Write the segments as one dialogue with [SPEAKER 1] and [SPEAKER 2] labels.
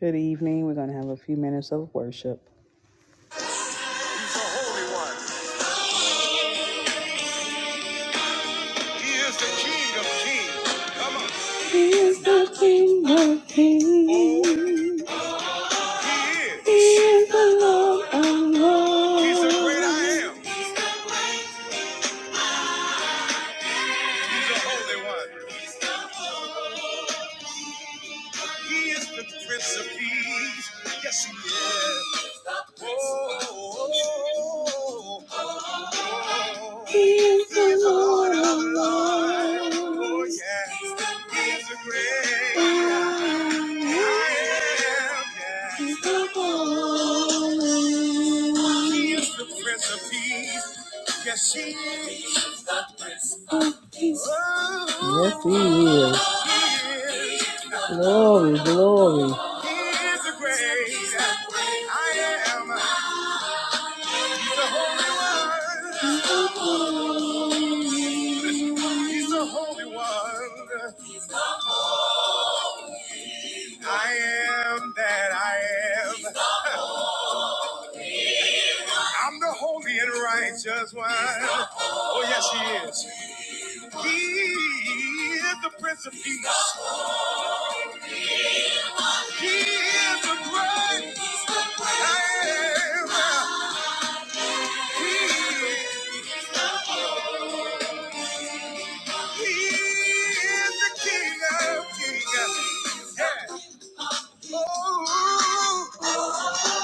[SPEAKER 1] Good evening. We're going to have a few minutes of worship. He's the Holy One. He is the King of Kings. Come on. He is the King of Kings. Oh, he is. He is the Lord of Lords. He's the great I am. He's the Holy One. He is the Prince of Peace. Yes, he is. Oh, oh, oh, oh. He is the Lord of Lords. Oh, yeah. He is the great. Yes, he is. Yes, Glory, glory. He One. Oh, yes, he is. He is the Prince of Peace. He is the great I am. He, he is the King of Kings. Yeah. Ooh,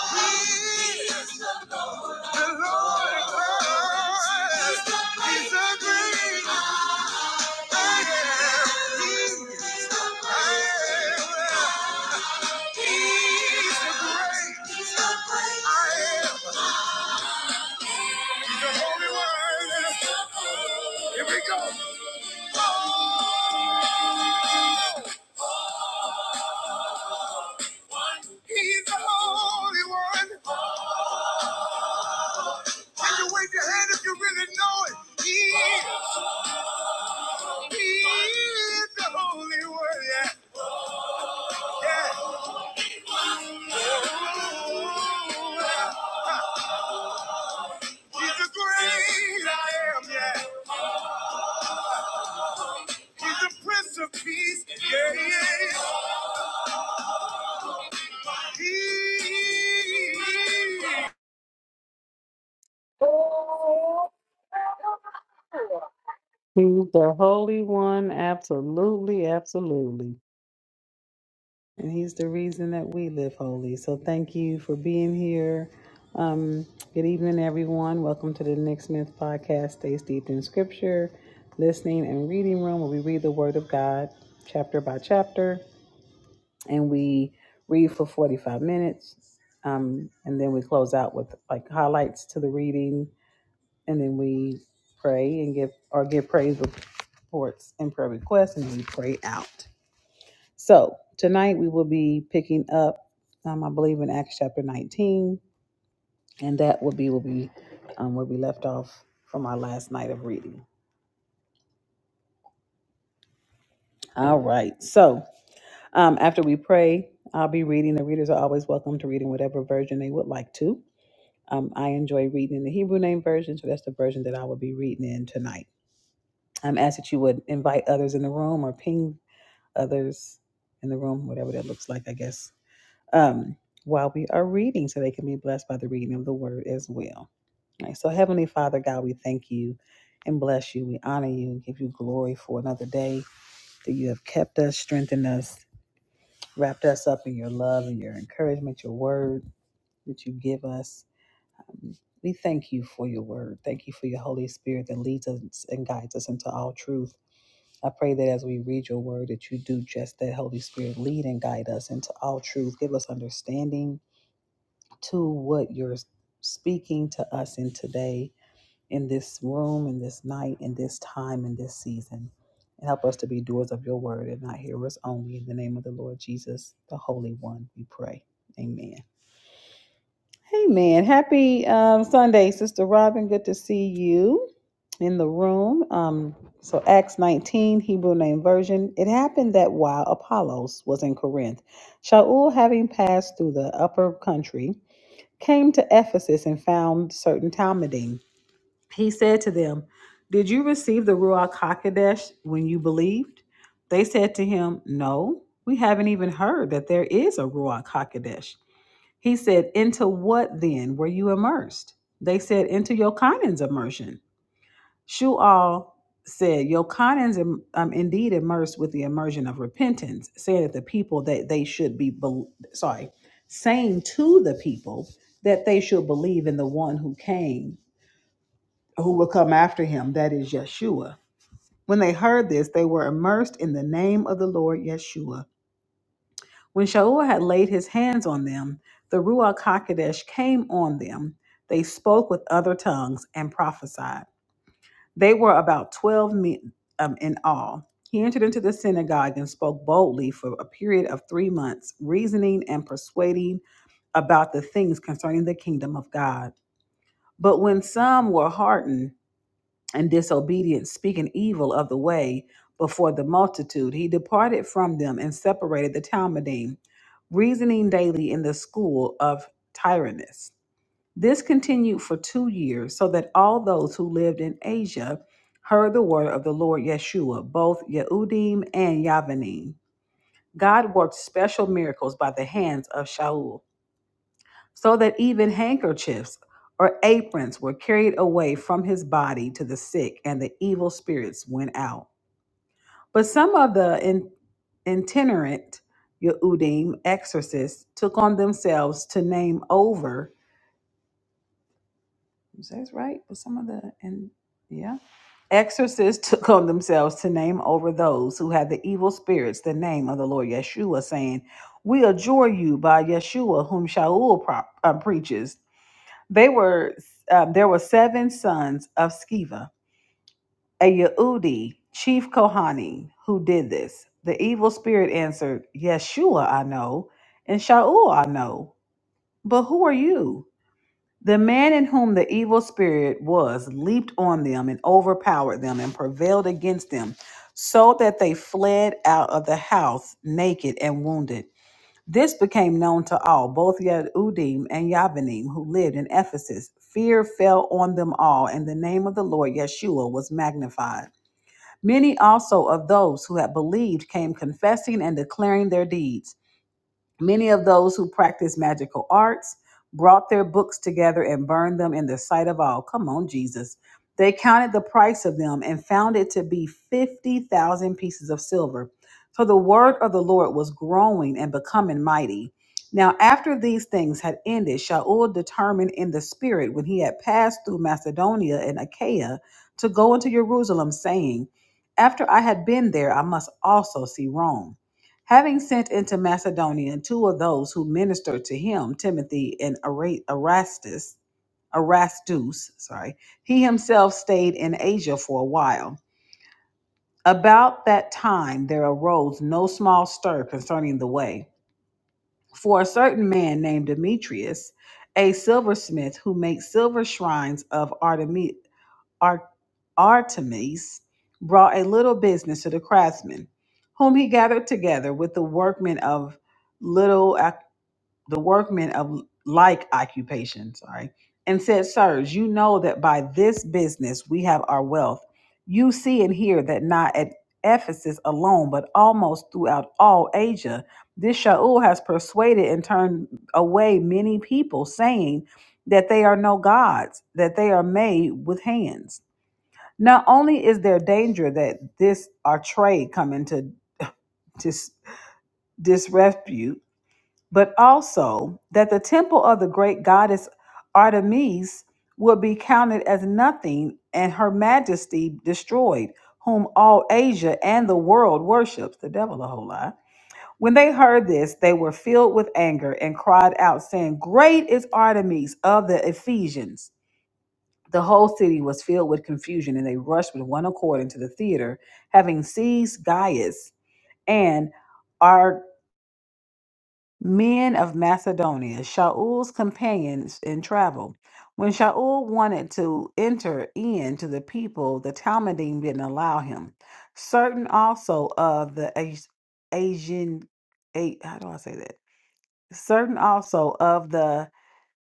[SPEAKER 1] he is the Lord of Lords. He's the great I am. He, is the I am. He's the great I am. He's the holy one. Here we go. Oh, He's the holy one. Can you wave your hand if you really know it? He is. He is the holy one. Yeah. Yeah. Oh, yeah. He's the great I am. Yeah. He's the Prince of Peace. Yeah, yeah. He is. He's the Holy One. Absolutely, absolutely. And he's the reason that we live holy. So thank you for being here. Um, good evening, everyone. Welcome to the Nick Smith podcast, Stay Steeped in Scripture, Listening and Reading Room, where we read the Word of God chapter by chapter and we read for 45 minutes. Um, and then we close out with like highlights to the reading and then we pray and give or give praise reports and prayer requests, and we pray out. So tonight we will be picking up, um, I believe, in Acts chapter 19, and that will be will be um, where we left off from our last night of reading. All right. So um, after we pray, I'll be reading. The readers are always welcome to reading whatever version they would like to. Um, I enjoy reading in the Hebrew name version, so that's the version that I will be reading in tonight. I'm asked that you would invite others in the room or ping others in the room, whatever that looks like, I guess, um, while we are reading, so they can be blessed by the reading of the word as well. All right, so, Heavenly Father, God, we thank you and bless you. We honor you and give you glory for another day that you have kept us, strengthened us, wrapped us up in your love and your encouragement, your word that you give us. Um, We thank you for your word. Thank you for your Holy Spirit that leads us and guides us into all truth I pray that as we read your word, that you do just that. Holy Spirit, lead and guide us into all truth. Give us understanding to what you're speaking to us in today, in this room, in this night, in this time, in this season. And help us to be doers of your word and not hearers only. In the name of the Lord Jesus, the Holy One, we pray. Amen. Hey man, happy um, Sunday, Sister Robin. Good to see you in the room. Um, so Acts 19, Hebrew name version. It happened that while Apollos was in Corinth, Shaul, having passed through the upper country, came to Ephesus and found certain Talmudim. He said to them, Did you receive the Ruach Hakodesh when you believed? They said to him, No, we haven't even heard that there is a Ruach Hakodesh. He said, Into what then were you immersed? They said, Into Yochanan's immersion. Shu'al said, Yochanan's im- um, indeed immersed with the immersion of repentance, saying that the people that they should be, bel sorry, saying to the people that they should believe in the one who came, who will come after him, that is Yeshua. When they heard this, they were immersed in the name of the Lord Yeshua When Shaul had laid his hands on them, the Ruach HaKodesh came on them. They spoke with other tongues and prophesied. They were about 12 men um, in all. He entered into the synagogue and spoke boldly for a period of three months, reasoning and persuading about the things concerning the kingdom of God. But when some were hardened, and disobedience, speaking evil of the way before the multitude, he departed from them and separated the Talmudim, reasoning daily in the school of Tyrannus. This continued for two years, so that all those who lived in Asia heard the word of the Lord Yeshua, both Yehudim and Yavanim. God worked special miracles by the hands of Shaul so that even handkerchiefs or aprons were carried away from his body to the sick, and the evil spirits went out. But some of the in- itinerant Yehudim exorcists took on themselves to name over. Is that right? But some of the and yeah, exorcists took on themselves to name over those who had the evil spirits the name of the Lord Yeshua, saying, "We adjure you by Yeshua, whom Shaul pro- uh, preaches." They were um, there were seven sons of Sceva, a Yehudi chief Kohani, who did this. The evil spirit answered, Yeshua I know, and Shaul I know, but who are you? The man in whom the evil spirit was leaped on them and overpowered them and prevailed against them, so that they fled out of the house naked and wounded. This became known to all, both Yehudim and Yavanim, who lived in Ephesus. Fear fell on them all, and the name of the Lord Yeshua was magnified. Many also of those who had believed came confessing and declaring their deeds. Many of those who practiced magical arts brought their books together and burned them in the sight of all. Come on, Jesus. They counted the price of them and found it to be 50,000 pieces of silver. So the word of the Lord was growing and becoming mighty. Now, after these things had ended, Shaul determined in the spirit when he had passed through Macedonia and Achaia to go into Jerusalem, saying, After I had been there, I must also see Rome. Having sent into Macedonia two of those who ministered to him, Timothy and Ara- Erastus, Erastus, sorry, he himself stayed in Asia for a while. About that time there arose no small stir concerning the way. For a certain man named Demetrius, a silversmith who makes silver shrines of Artemis. Ar- Artemis brought a little business to the craftsmen, whom he gathered together with the workmen of little ac- the workmen of like occupation, sorry, and said, Sirs, you know that by this business we have our wealth. You see and hear that not at Ephesus alone, but almost throughout all Asia, this Shaul has persuaded and turned away many people, saying that they are no gods, that they are made with hands. Not only is there danger that this our trade come into dis- disrepute, but also that the temple of the great goddess Artemis will be counted as nothing and her majesty destroyed, whom all Asia and the world worships, the devil a whole lot. When they heard this, they were filled with anger and cried out, saying, Great is Artemis of the Ephesians. The whole city was filled with confusion, and they rushed with one accord into the theater, having seized Gaius and our men of Macedonia, Shaul's companions in travel. When Shaul wanted to enter in to the people, the Talmudim didn't allow him. Certain also of the As- Asian, A- how do I say that? Certain also of the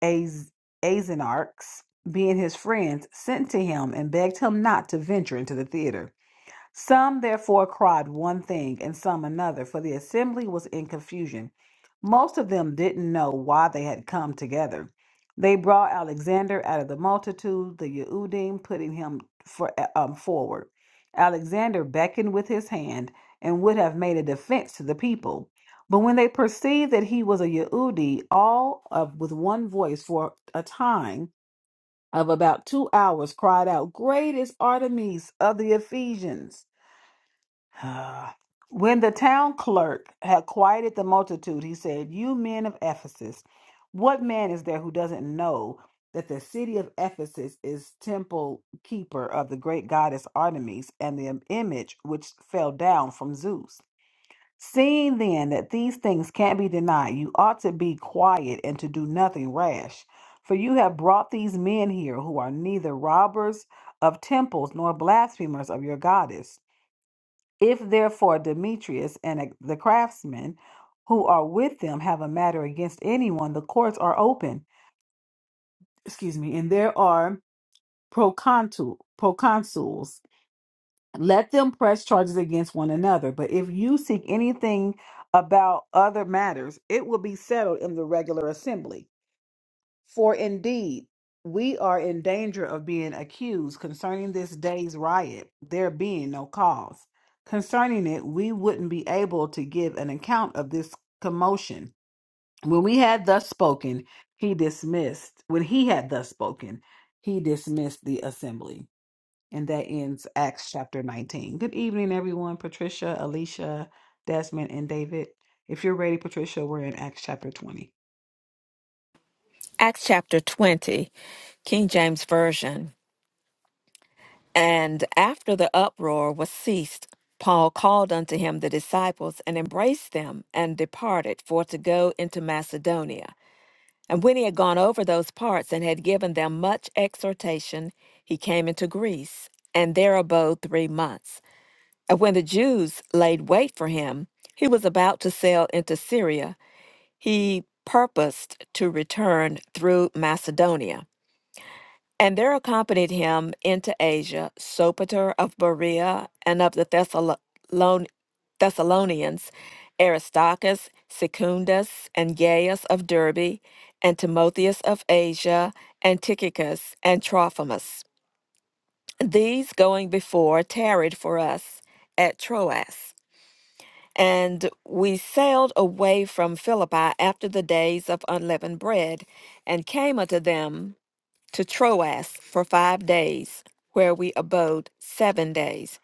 [SPEAKER 1] Az- Azenarchs, being his friends, sent to him and begged him not to venture into the theater. Some therefore cried one thing and some another, for the assembly was in confusion. Most of them didn't know why they had come together. They brought Alexander out of the multitude, the Yehudim, putting him for, uh, um, forward. Alexander beckoned with his hand and would have made a defense to the people. But when they perceived that he was a Yehudi, all of with one voice for a time of about two hours cried out, Great is Artemis of the Ephesians. Ah. When the town clerk had quieted the multitude, he said, You men of Ephesus, what man is there who doesn't know that the city of Ephesus is temple keeper of the great goddess Artemis and the image which fell down from Zeus? Seeing then that these things can't be denied, you ought to be quiet and to do nothing rash. For you have brought these men here who are neither robbers of temples nor blasphemers of your goddess. If therefore Demetrius and a- the craftsmen who are with them have a matter against anyone, the courts are open. Excuse me, and there are proconsul proconsuls. Let them press charges against one another. But if you seek anything about other matters, it will be settled in the regular assembly. For indeed, we are in danger of being accused concerning this day's riot, there being no cause. Concerning it, we wouldn't be able to give an account of this commotion. When we had thus spoken, he dismissed. When he had thus spoken, he dismissed the assembly. And that ends Acts chapter 19. Good evening, everyone. Patricia, Alicia, Desmond, and David. If you're ready, Patricia, we're in Acts chapter 20.
[SPEAKER 2] Acts chapter 20, King James Version. And after the uproar was ceased, Paul called unto him the disciples and embraced them and departed for to go into Macedonia. And when he had gone over those parts and had given them much exhortation, he came into Greece and there abode three months. And when the Jews laid wait for him, he was about to sail into Syria. He purposed to return through Macedonia. And there accompanied him into Asia Sopater of Berea and of the Thessalon- Thessalonians, Aristarchus, Secundus, and Gaius of Derbe, and Timotheus of Asia, and Tychicus, and Trophimus. These going before tarried for us at Troas. And we sailed away from Philippi after the days of unleavened bread, and came unto them to Troas for five days, where we abode seven days.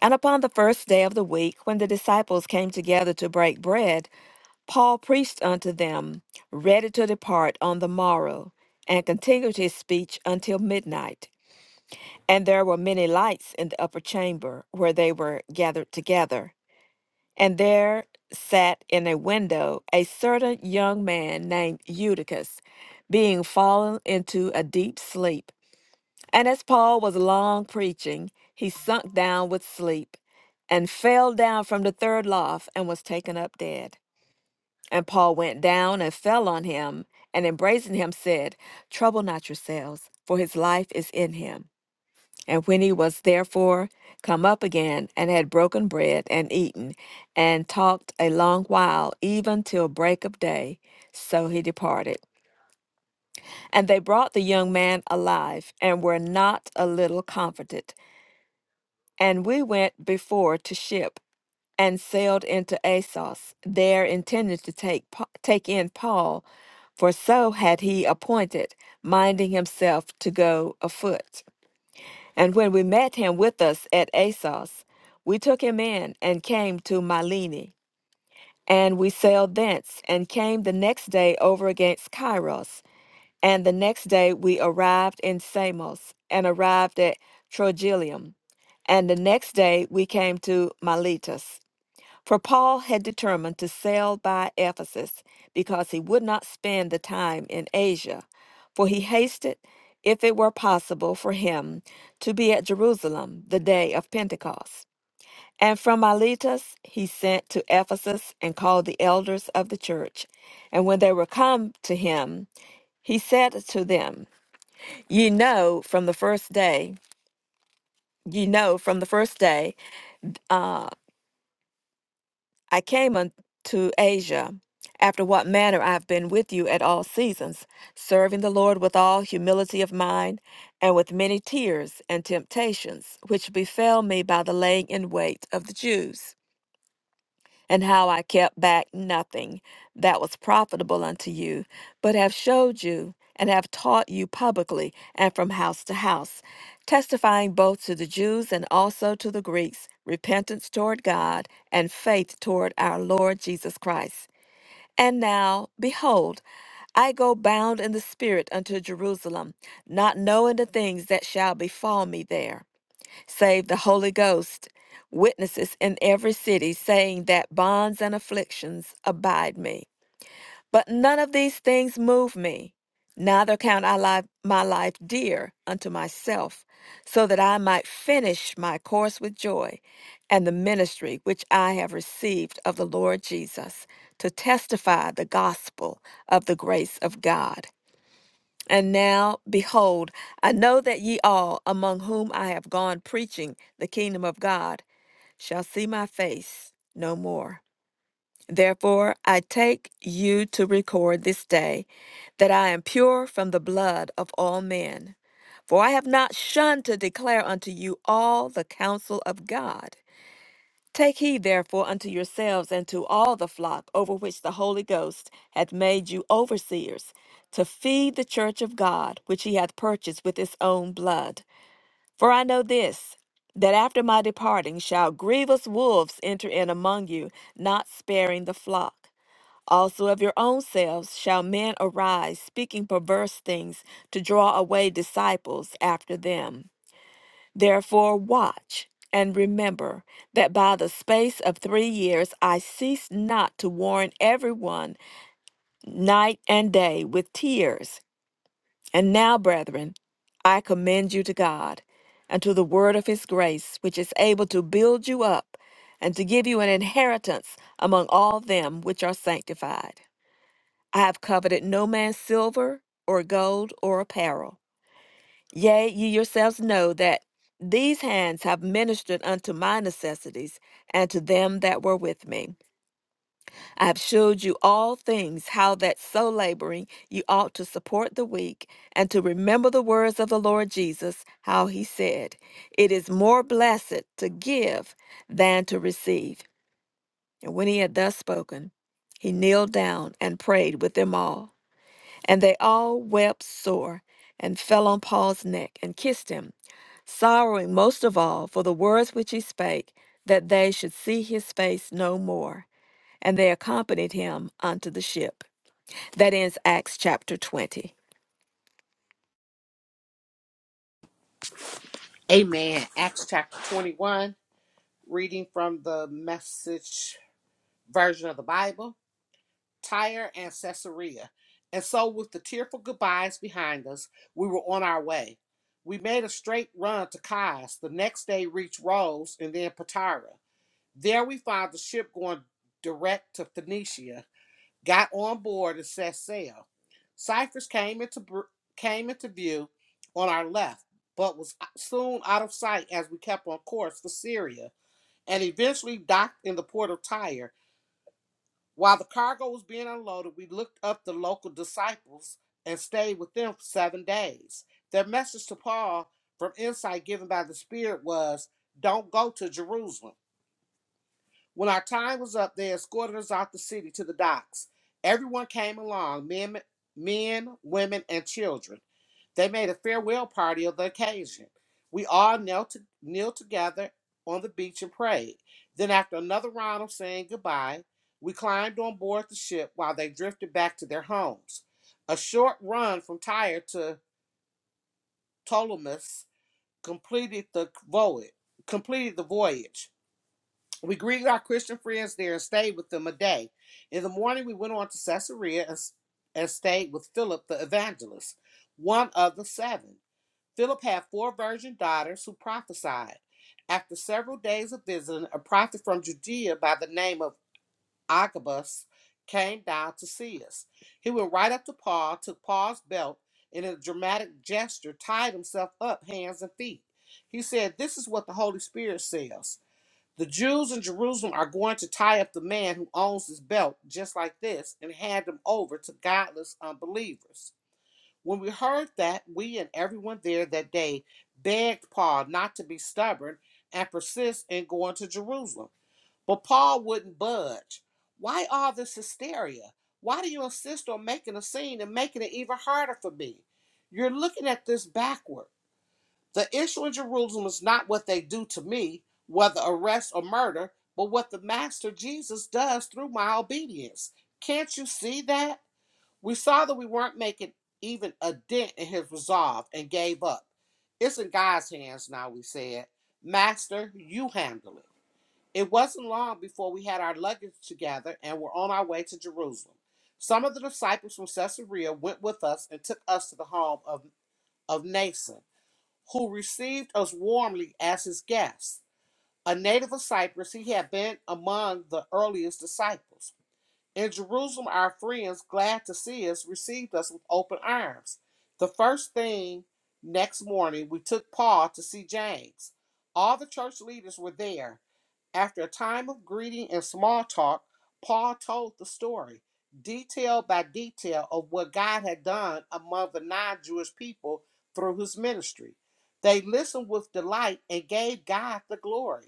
[SPEAKER 2] And upon the first day of the week, when the disciples came together to break bread, Paul preached unto them, ready to depart on the morrow, and continued his speech until midnight. And there were many lights in the upper chamber where they were gathered together. And there sat in a window a certain young man named Eutychus, being fallen into a deep sleep and as Paul was long preaching, he sunk down with sleep and fell down from the third loft and was taken up dead. And Paul went down and fell on him and embracing him said, Trouble not yourselves, for his life is in him. And when he was therefore come up again and had broken bread and eaten and talked a long while, even till break of day, so he departed. And they brought the young man alive and were not a little comforted And we went before to ship and sailed into Assos, there intending to take, Pa- take in Paul, for so had he appointed, minding himself to go afoot. And when we met him with us at Assos, we took him in and came to Mylene. And we sailed thence, and came the next day over against Kairos, and the next day we arrived in Samos and arrived at Trogilium. And the next day we came to Miletus. For Paul had determined to sail by Ephesus because he would not spend the time in Asia, for he hasted, if it were possible for him, to be at Jerusalem the day of Pentecost. And from Miletus he sent to Ephesus and called the elders of the church. And when they were come to him, he said to them, Ye know from the first day, ye know from the first day, uh, I came unto Asia, after what manner I have been with you at all seasons, serving the Lord with all humility of mind, and with many tears and temptations, which befell me by the laying in wait of the Jews and how I kept back nothing that was profitable unto you, but have showed you and have taught you publicly and from house to house, testifying both to the Jews and also to the Greeks, repentance toward God and faith toward our Lord Jesus Christ. And now, behold, I go bound in the Spirit unto Jerusalem, not knowing the things that shall befall me there save the Holy Ghost, witnesses in every city, saying that bonds and afflictions abide me. But none of these things move me, neither count I li- my life dear unto myself, so that I might finish my course with joy and the ministry which I have received of the Lord Jesus, to testify the gospel of the grace of God. And now, behold, I know that ye all, among whom I have gone preaching the kingdom of God, shall see my face no more. Therefore, I take you to record this day that I am pure from the blood of all men. For I have not shunned to declare unto you all the counsel of God. Take heed therefore unto yourselves and to all the flock over which the Holy Ghost hath made you overseers, to feed the church of God, which he hath purchased with his own blood. For I know this, that after my departing shall grievous wolves enter in among you, not sparing the flock. Also of your own selves shall men arise, speaking perverse things, to draw away disciples after them. Therefore, watch and remember that by the space of three years I ceased not to warn everyone night and day with tears. And now, brethren, I commend you to God and to the word of his grace, which is able to build you up and to give you an inheritance among all them which are sanctified. I have coveted no man's silver or gold or apparel. Yea, ye yourselves know that these hands have ministered unto my necessities and to them that were with me. I have shewed you all things, how that so laboring you ought to support the weak, and to remember the words of the Lord Jesus, how he said, It is more blessed to give than to receive. And when he had thus spoken, he kneeled down and prayed with them all. And they all wept sore and fell on Paul's neck and kissed him, sorrowing most of all for the words which he spake, that they should see his face no more. And they accompanied him unto the ship. That ends Acts chapter 20.
[SPEAKER 3] Amen. Acts chapter 21, reading from the message version of the Bible, Tyre and Caesarea. And so, with the tearful goodbyes behind us, we were on our way. We made a straight run to Chios, the next day reached Rhodes and then Patara. There we found the ship going direct to Phoenicia got on board and set sail. Cyphers came into came into view on our left, but was uh, soon out of sight as we kept on course for Syria and eventually docked in the port of Tyre. While the cargo was being unloaded, we looked up the local disciples and stayed with them for seven days. Their message to Paul from insight given by the Spirit was, "Don't go to Jerusalem." When our time was up, they escorted us out the city to the docks. Everyone came along men, men women, and children. They made a farewell party of the occasion. We all knelt, to, knelt together on the beach and prayed. Then, after another round of saying goodbye, we climbed on board the ship while they drifted back to their homes. A short run from Tyre to Ptolemais completed the voyage. Completed the voyage. We greeted our Christian friends there and stayed with them a day. In the morning, we went on to Caesarea and, and stayed with Philip the evangelist, one of the seven. Philip had four virgin daughters who prophesied. After several days of visiting, a prophet from Judea by the name of Agabus came down to see us. He went right up to Paul, took Paul's belt, and in a dramatic gesture, tied himself up hands and feet. He said, This is what the Holy Spirit says. The Jews in Jerusalem are going to tie up the man who owns his belt, just like this, and hand him over to godless unbelievers. When we heard that, we and everyone there that day begged Paul not to be stubborn and persist in going to Jerusalem. But Paul wouldn't budge. Why all this hysteria? Why do you insist on making a scene and making it even harder for me? You're looking at this backward. The issue in Jerusalem is not what they do to me, whether arrest or murder, but what the Master Jesus does through my obedience. Can't you see that? We saw that we weren't making even a dent in his resolve and gave up. It's in God's hands now, we said. Master, you handle it. It wasn't long before we had our luggage together and were on our way to Jerusalem. Some of the disciples from Caesarea went with us and took us to the home of, of Nason who received us warmly as his guests. A native of Cyprus, he had been among the earliest disciples. In Jerusalem, our friends, glad to see us, received us with open arms. The first thing next morning, we took Paul to see James. All the church leaders were there. After a time of greeting and small talk, Paul told the story, detail by detail, of what God had done among the non Jewish people through his ministry. They listened with delight and gave God the glory.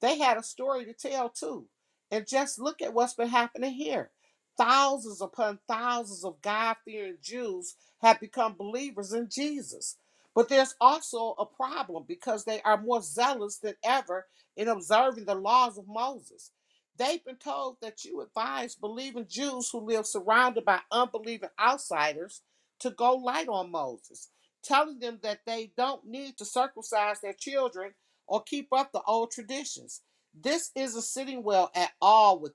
[SPEAKER 3] They had a story to tell too. And just look at what's been happening here. Thousands upon thousands of God fearing Jews have become believers in Jesus. But there's also a problem because they are more zealous than ever in observing the laws of Moses. They've been told that you advise believing Jews who live surrounded by unbelieving outsiders to go light on Moses, telling them that they don't need to circumcise their children or keep up the old traditions. This isn't sitting well at all with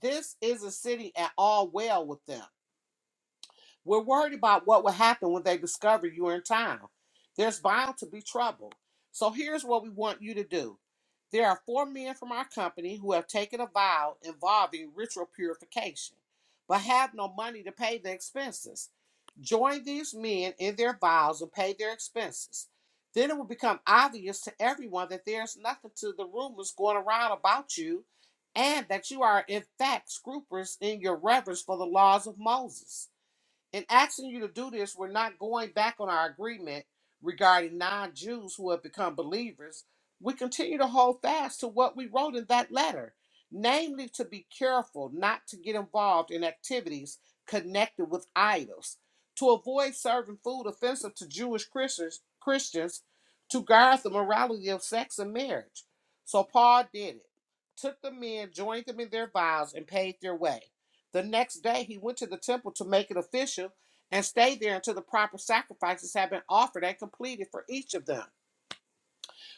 [SPEAKER 3] this isn't sitting at all well with them. We're worried about what will happen when they discover you are in town. There's bound to be trouble. So here's what we want you to do. There are four men from our company who have taken a vow involving ritual purification, but have no money to pay the expenses. Join these men in their vows and pay their expenses. Then it will become obvious to everyone that there's nothing to the rumors going around about you, and that you are in fact scrupulous in your reverence for the laws of Moses. In asking you to do this, we're not going back on our agreement regarding non Jews who have become believers. We continue to hold fast to what we wrote in that letter, namely to be careful not to get involved in activities connected with idols, to avoid serving food offensive to Jewish Christians, Christians to guard the morality of sex and marriage. So Paul did it, took the men, joined them in their vows, and paid their way. The next day he went to the temple to make it official and stayed there until the proper sacrifices had been offered and completed for each of them.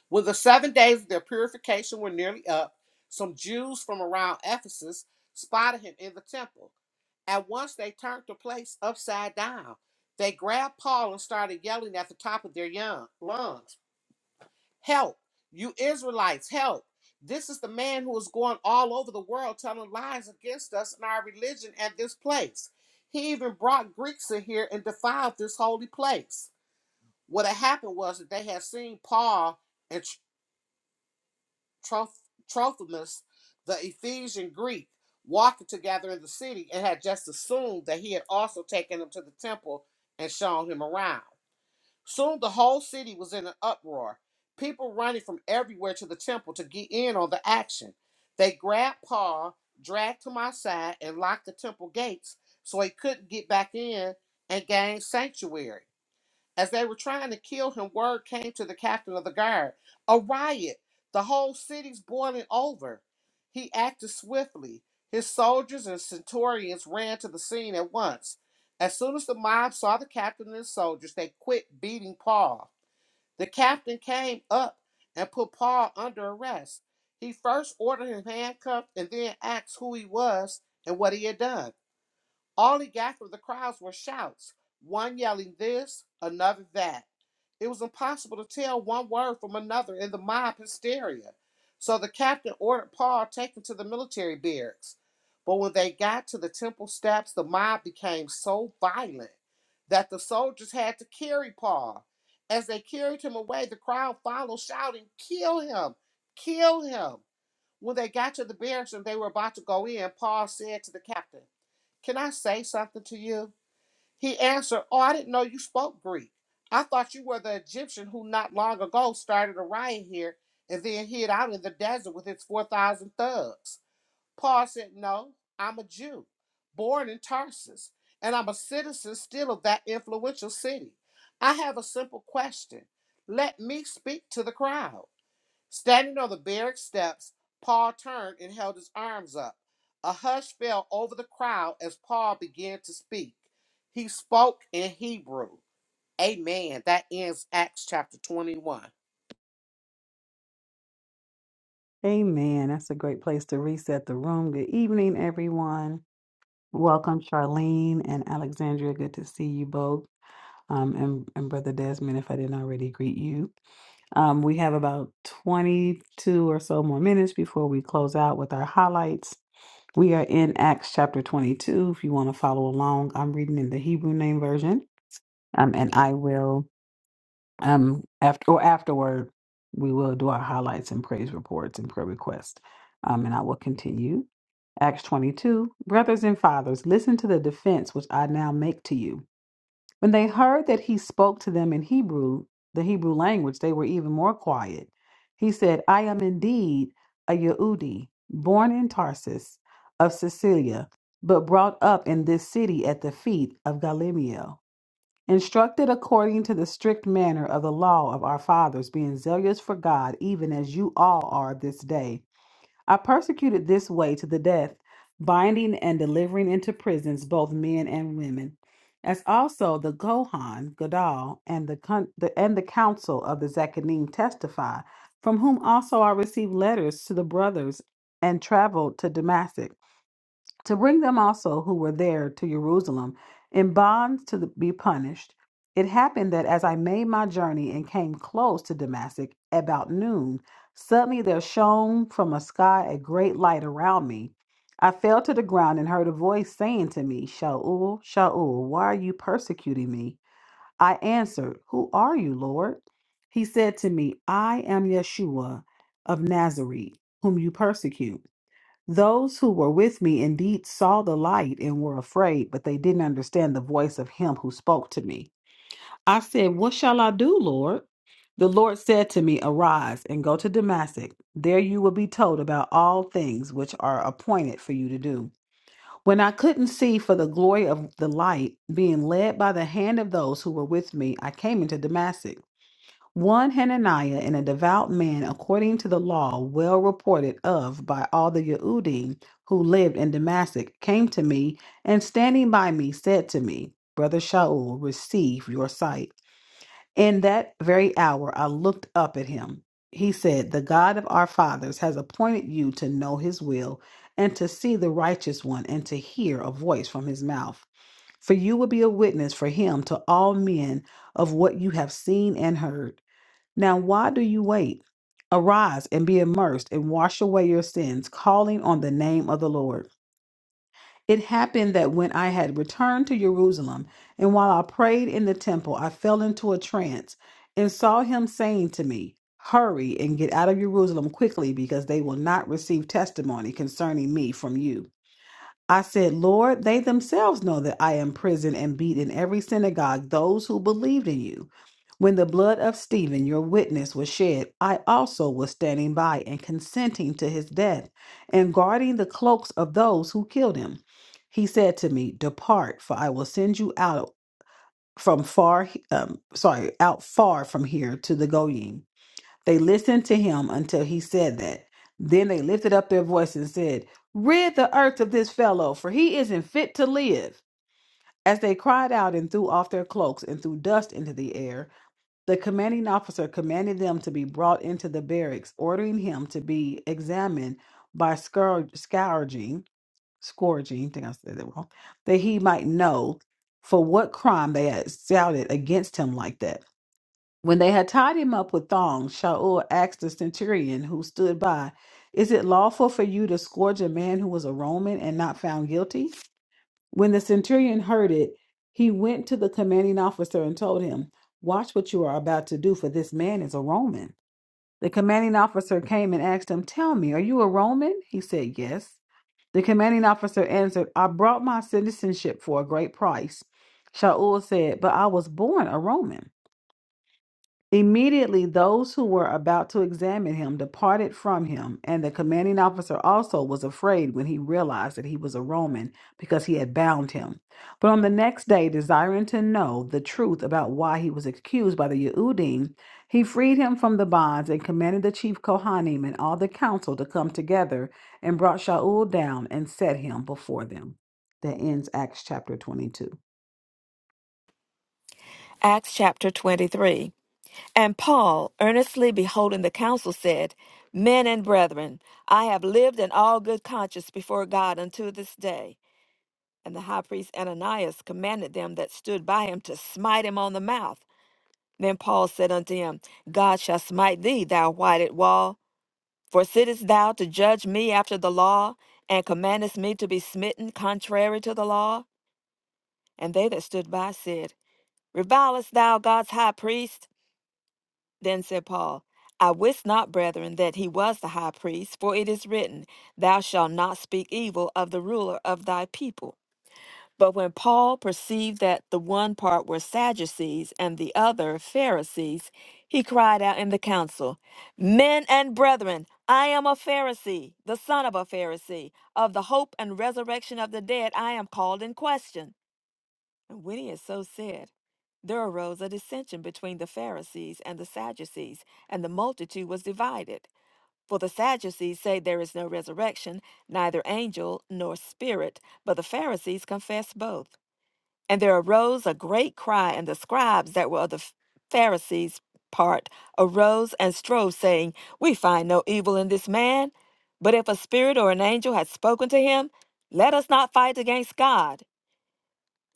[SPEAKER 3] When the seven days of their purification were nearly up, some Jews from around Ephesus spotted him in the temple. At once they turned the place upside down. They grabbed Paul and started yelling at the top of their young lungs. Help, you Israelites, help. This is the man who is going all over the world telling lies against us and our religion At this place. He even brought Greeks in here and defiled this holy place. What had happened was that they had seen Paul and Tro- Trophimus, the Ephesian Greek, walking together in the city and had just assumed that he had also taken him to the temple and shown him around. Soon the whole city was in an uproar, people running from everywhere to the temple to get in on the action. They grabbed Paul, dragged him outside, and locked the temple gates so he couldn't get back in and gain sanctuary. As they were trying to kill him, word came to the captain of the guard. A riot. The whole city's boiling over. He acted swiftly. His soldiers and centurions ran to the scene at once. As soon as the mob saw the captain and his soldiers, they quit beating Paul. The captain came up and put Paul under arrest. He first ordered him handcuffed and then asked who he was and what he had done. All he got from the crowds were shouts, one yelling this, another that. It was impossible to tell one word from another in the mob hysteria. So the captain ordered Paul taken to the military barracks. But when they got to the temple steps, the mob became so violent that the soldiers had to carry Paul. As they carried him away, the crowd followed, shouting, Kill him! Kill him! When they got to the barracks and they were about to go in, Paul said to the captain, can I say something to you? He answered, Oh, I didn't know you spoke Greek. I thought you were the Egyptian who not long ago started a riot here and then hid out in the desert with his 4,000 thugs. Paul said, No, I'm a Jew, born in Tarsus, and I'm a citizen still of that influential city. I have a simple question. Let me speak to the crowd. Standing on the barrack steps, Paul turned and held his arms up. A hush fell over the crowd as Paul began to speak. He spoke in Hebrew. Amen. That ends Acts chapter 21.
[SPEAKER 1] Amen. That's a great place to reset the room. Good evening, everyone. Welcome, Charlene and Alexandria. Good to see you both. Um, and, and Brother Desmond, if I didn't already greet you. Um, we have about 22 or so more minutes before we close out with our highlights. We are in Acts chapter 22. If you want to follow along, I'm reading in the Hebrew name version, um, and I will um after or afterward we will do our highlights and praise reports and prayer requests um and i will continue acts 22 brothers and fathers listen to the defense which i now make to you when they heard that he spoke to them in hebrew the hebrew language they were even more quiet he said i am indeed a yehudi born in tarsus of Cilicia, but brought up in this city at the feet of Gamaliel." instructed according to the strict manner of the law of our fathers, being zealous for God, even as you all are this day. I persecuted this way to the death, binding and delivering into prisons both men and women, as also the Gohan, Gadol, and the, con- the and the council of the Zechariah testify, from whom also I received letters to the brothers, and traveled to Damascus to bring them also who were there to Jerusalem in bonds to be punished. It happened that as I made my journey and came close to Damascus about noon, suddenly there shone from a sky a great light around me. I fell to the ground and heard a voice saying to me, Shaul, Shaul, why are you persecuting me? I answered, Who are you, Lord? He said to me, I am Yeshua of Nazareth, whom you persecute. Those who were with me indeed saw the light and were afraid, but they didn't understand the voice of him who spoke to me. I said, What shall I do, Lord? The Lord said to me, Arise and go to Damascus. There you will be told about all things which are appointed for you to do. When I couldn't see for the glory of the light, being led by the hand of those who were with me, I came into Damascus. One Hananiah and a devout man according to the law, well reported of by all the Yehudim who lived in Damascus, came to me and standing by me said to me, Brother Shaul, receive your sight. In that very hour I looked up at him. He said, The God of our fathers has appointed you to know his will and to see the righteous one and to hear a voice from his mouth. For you will be a witness for him to all men of what you have seen and heard. Now, why do you wait? Arise and be immersed and wash away your sins, calling on the name of the Lord. It happened that when I had returned to Jerusalem, and while I prayed in the temple, I fell into a trance and saw him saying to me, Hurry and get out of Jerusalem quickly, because they will not receive testimony concerning me from you. I said, Lord, they themselves know that I am prison and beat in every synagogue those who believed in you. When the blood of Stephen, your witness, was shed, I also was standing by and consenting to his death and guarding the cloaks of those who killed him. He said to me, Depart, for I will send you out from far, um, sorry, out far from here to the Goyim. They listened to him until he said that. Then they lifted up their voice and said, Rid the earth of this fellow, for he isn't fit to live. As they cried out and threw off their cloaks and threw dust into the air, the commanding officer commanded them to be brought into the barracks, ordering him to be examined by scourg- scourging, scourging, I think I said that wrong, that he might know for what crime they had shouted against him like that. When they had tied him up with thongs, Shaul asked the centurion who stood by, Is it lawful for you to scourge a man who was a Roman and not found guilty? When the centurion heard it, he went to the commanding officer and told him, Watch what you are about to do, for this man is a Roman. The commanding officer came and asked him, Tell me, are you a Roman? He said, Yes. The commanding officer answered, I brought my citizenship for a great price. Shaul said, But I was born a Roman. Immediately, those who were about to examine him departed from him, and the commanding officer also was afraid when he realized that he was a Roman because he had bound him. But on the next day, desiring to know the truth about why he was accused by the Yehudim, he freed him from the bonds and commanded the chief Kohanim and all the council to come together and brought Shaul down and set him before them. That ends Acts chapter 22.
[SPEAKER 2] Acts chapter 23. And Paul, earnestly beholding the council, said, Men and brethren, I have lived in all good conscience before God unto this day. And the high priest Ananias commanded them that stood by him to smite him on the mouth. Then Paul said unto him, God shall smite thee, thou whited wall. For sittest thou to judge me after the law, and commandest me to be smitten contrary to the law? And they that stood by said, Revilest thou God's high priest? Then said Paul, I wist not, brethren, that he was the high priest, for it is written, Thou shalt not speak evil of the ruler of thy people. But when Paul perceived that the one part were Sadducees and the other Pharisees, he cried out in the council, Men and brethren, I am a Pharisee, the son of a Pharisee. Of the hope and resurrection of the dead, I am called in question. And when he had so said, there arose a dissension between the Pharisees and the Sadducees, and the multitude was divided. For the Sadducees say there is no resurrection, neither angel nor spirit, but the Pharisees confess both. And there arose a great cry, and the scribes that were of the Pharisees' part arose and strove, saying, We find no evil in this man. But if a spirit or an angel has spoken to him, let us not fight against God.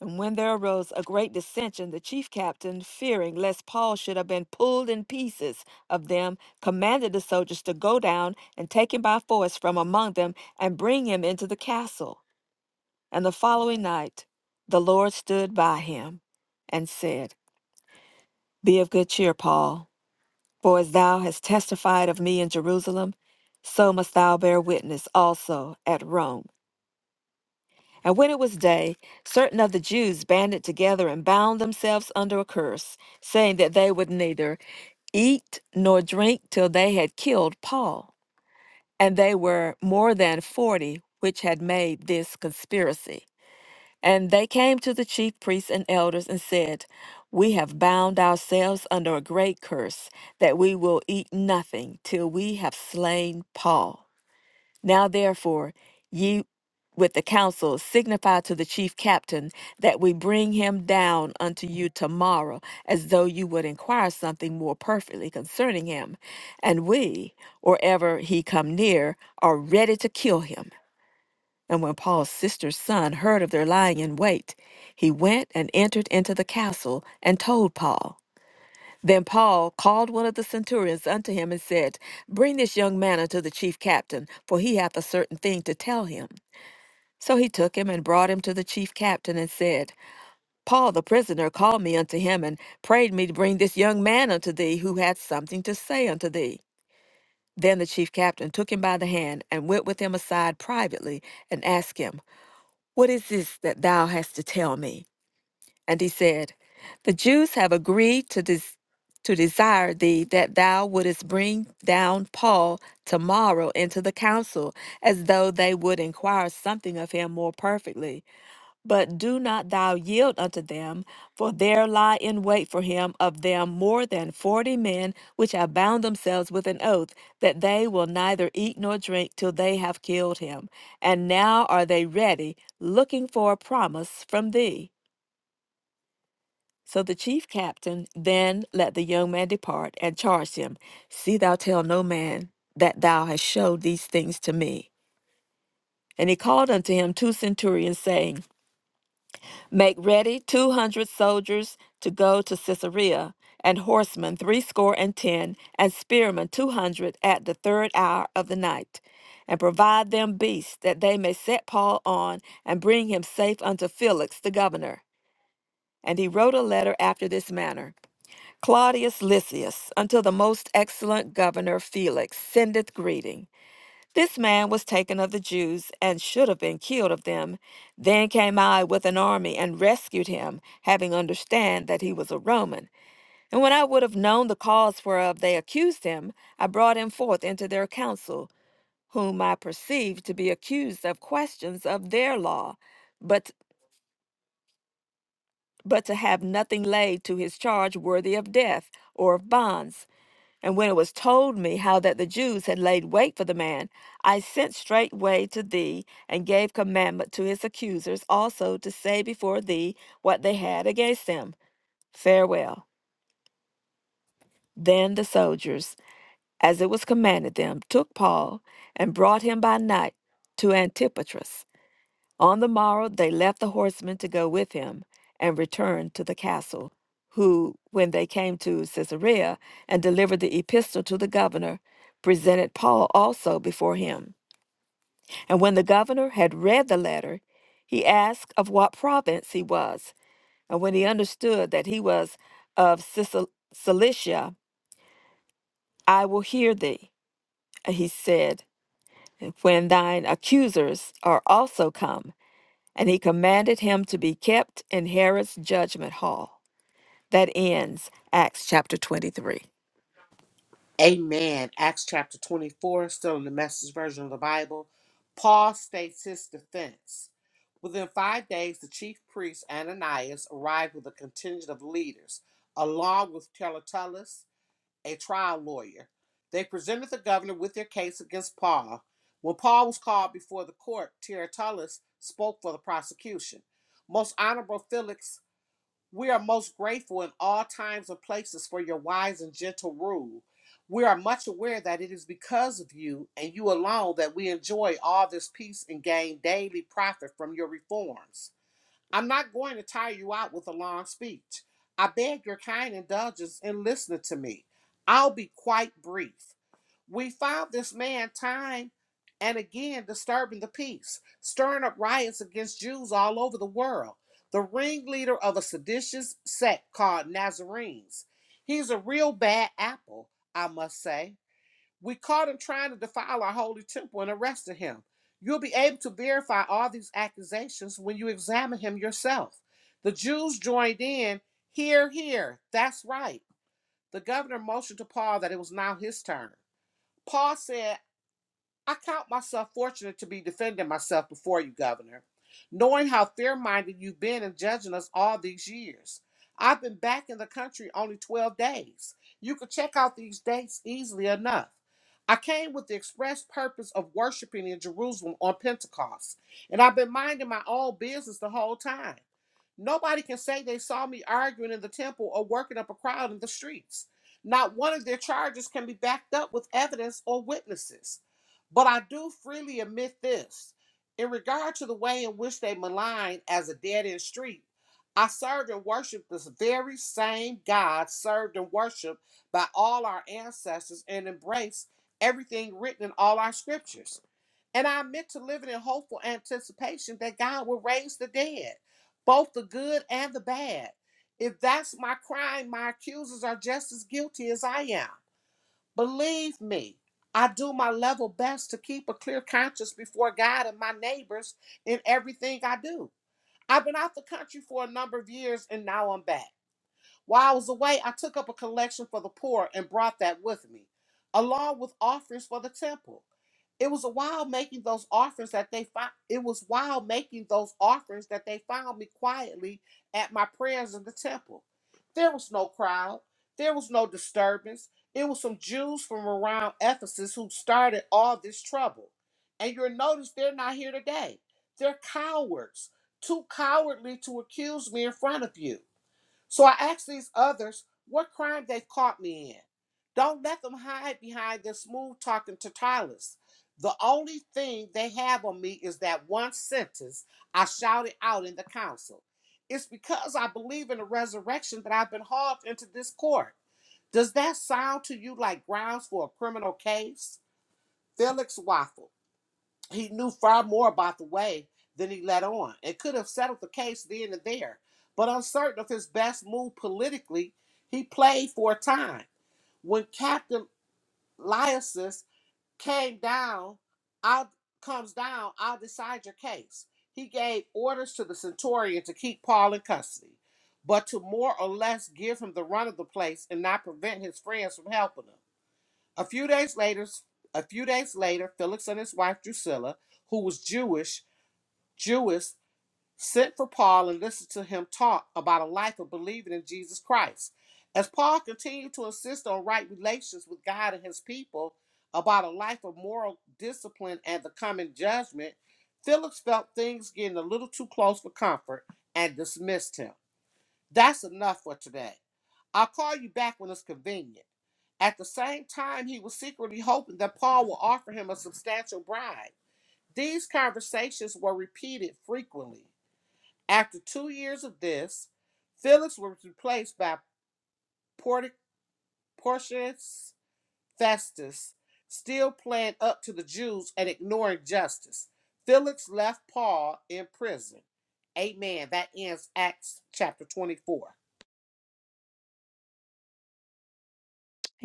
[SPEAKER 2] And when there arose a great dissension, the chief captain, fearing lest Paul should have been pulled in pieces of them, commanded the soldiers to go down and take him by force from among them and bring him into the castle. And the following night, the Lord stood by him and said, Be of good cheer, Paul, for as thou hast testified of me in Jerusalem, so must thou bear witness also at Rome. And when it was day, certain of the Jews banded together and bound themselves under a curse, saying that they would neither eat nor drink till they had killed Paul. And they were more than forty which had made this conspiracy. And they came to the chief priests and elders and said, We have bound ourselves under a great curse, that we will eat nothing till we have slain Paul. Now therefore, ye with the council signify to the chief captain that we bring him down unto you tomorrow, as though you would inquire something more perfectly concerning him. And we, or ever he come near, are ready to kill him and when Paul's sister's son heard of their lying in wait, he went and entered into the castle and told Paul. Then Paul called one of the centurions unto him and said, Bring this young man unto the chief captain, for he hath a certain thing to tell him. So he took him and brought him to the chief captain and said, Paul the prisoner called me unto him and prayed me to bring this young man unto thee who hath something to say unto thee. Then the chief captain took him by the hand and went with him aside privately and asked him, what is this that thou hast to tell me? And he said, The Jews have agreed to this. To desire thee that thou wouldest bring down Paul tomorrow into the council, as though they would inquire something of him more perfectly. But do not thou yield unto them, for there lie in wait for him of them more than forty men which have bound themselves with an oath, that they will neither eat nor drink till they have killed him. And now are they ready, looking for a promise from thee. So the chief captain then let the young man depart, and charged him, See thou tell no man that thou hast showed these things to me. And he called unto him two centurions, saying, Make ready two hundred soldiers to go to Caesarea, and horsemen threescore and ten, and spearmen two hundred at the third hour of the night. And provide them beasts, that they may set Paul on, and bring him safe unto Felix the governor. And he wrote a letter after this manner Claudius Lysias, unto the most excellent governor Felix, sendeth greeting. This man was taken of the Jews and should have been killed of them. Then came I with an army and rescued him, having understand that he was a Roman. And when I would have known the cause whereof they accused him, I brought him forth into their council, whom I perceived to be accused of questions of their law, but but to have nothing laid to his charge worthy of death or of bonds. And when it was told me how that the Jews had laid wait for the man, I sent straightway to thee, and gave commandment to his accusers also to say before thee what they had against him. Farewell. Then the soldiers, as it was commanded them, took Paul, and brought him by night to Antipatris. On the morrow they left the horsemen to go with him and returned to the castle, who, when they came to Caesarea and delivered the epistle to the governor, presented Paul also before him. And when the governor had read the letter, he asked of what province he was. And when he understood that he was of Sicil- Cilicia, I will hear thee, he said, when thine accusers are also come. and he commanded him to be kept in Herod's judgment hall. That ends Acts chapter 23.
[SPEAKER 3] Amen. Acts chapter 24, still in the message version of the Bible. Paul states his defense. Within five days, the chief priest Ananias arrived with a contingent of leaders, along with Tertullus a trial lawyer. They presented the governor with their case against Paul. When Paul was called before the court, Tertullus spoke for the prosecution. Most honorable Felix, we are most grateful in all times and places for your wise and gentle rule. We are much aware that it is because of you and you alone that we enjoy all this peace and gain daily profit from your reforms. I'm not going to tire you out with a long speech. I beg your kind indulgence in listening to me. I'll be quite brief. We found this man time and again disturbing the peace, stirring up riots against Jews all over the world, the ringleader of a seditious sect called Nazarenes. He's a real bad apple, I must say. We caught him trying to defile our holy temple and arrested him. You'll be able to verify all these accusations when you examine him yourself. The Jews joined in, Hear, hear. That's right. The governor motioned to Paul that it was now his turn. Paul said, I count myself fortunate to be defending myself before you, Governor, knowing how fair minded you've been in judging us all these years. I've been back in the country only 12 days. You could check out these dates easily enough. I came with the express purpose of worshiping in Jerusalem on Pentecost, and I've been minding my own business the whole time. Nobody can say they saw me arguing in the temple or working up a crowd in the streets. Not one of their charges can be backed up with evidence or witnesses. But I do freely admit this. In regard to the way in which they malign as a dead end street, I served and worshiped this very same God served and worshiped by all our ancestors and embraced everything written in all our scriptures. And I meant to live in hopeful anticipation that God will raise the dead both the good and the bad. If that's my crime, my accusers are just as guilty as I am. Believe me, I do my level best to keep a clear conscience before God and my neighbors in everything I do. I've been out the country for a number of years and now I'm back. While I was away, I took up a collection for the poor and brought that with me, along with offerings for the temple. It was while making those offerings that they found. It was while making those offerings that they found me quietly at my prayers in the temple. There was no crowd. There was no disturbance. It was some Jews from around Ephesus who started all this trouble. And you'll notice they're not here today. They're cowards, too cowardly to accuse me in front of you. So I asked these others what crime they caught me in. Don't let them hide behind their smooth talking Tertullus. The only thing they have on me is that one sentence I shouted out in the council. It's because I believe in the resurrection that I've been hauled into this court. Does that sound to you like grounds for a criminal case? Felix Waffle he knew far more about the way than he let on and could have settled the case then and there. But uncertain of his best move politically, he played for a time. When Captain Lyasus came down, I'll comes down, I'll decide your case. He gave orders to the centurion to keep Paul in custody, but to more or less give him the run of the place and not prevent his friends from helping him. A few days later, a few days later, Felix and his wife Drusilla, who was Jewish, Jewess, sent for Paul and listened to him talk about a life of believing in Jesus Christ. As Paul continued to insist on right relations with God and his people, about a life of moral discipline and the coming judgment, Felix felt things getting a little too close for comfort and dismissed him. That's enough for today. I'll call you back when it's convenient. At the same time, he was secretly hoping that Paul would offer him a substantial bribe. These conversations were repeated frequently. After two years of this, Felix was replaced by Porti- Porcius Festus, still playing up to the Jews and ignoring justice. Felix left Paul in prison. Amen. That ends Acts chapter 24.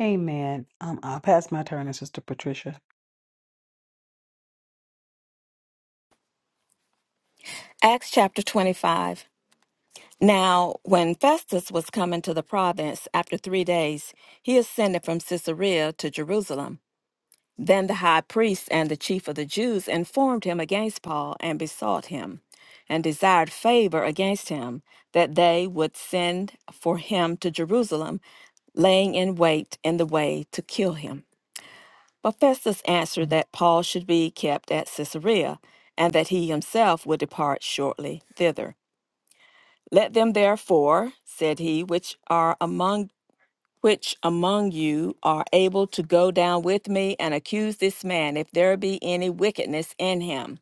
[SPEAKER 1] Amen. Um, I'll pass my turn to Sister Patricia.
[SPEAKER 2] Acts chapter 25. Now, when Festus was come into the province after three days, he ascended from Caesarea to Jerusalem. Then the high priest and the chief of the Jews informed him against Paul and besought him, and desired favor against him, that they would send for him to Jerusalem, laying in wait in the way to kill him. But Festus answered that Paul should be kept at Caesarea, and that he himself would depart shortly thither. Let them therefore, said he, which are among which among you are able to go down with me and accuse this man if there be any wickedness in him.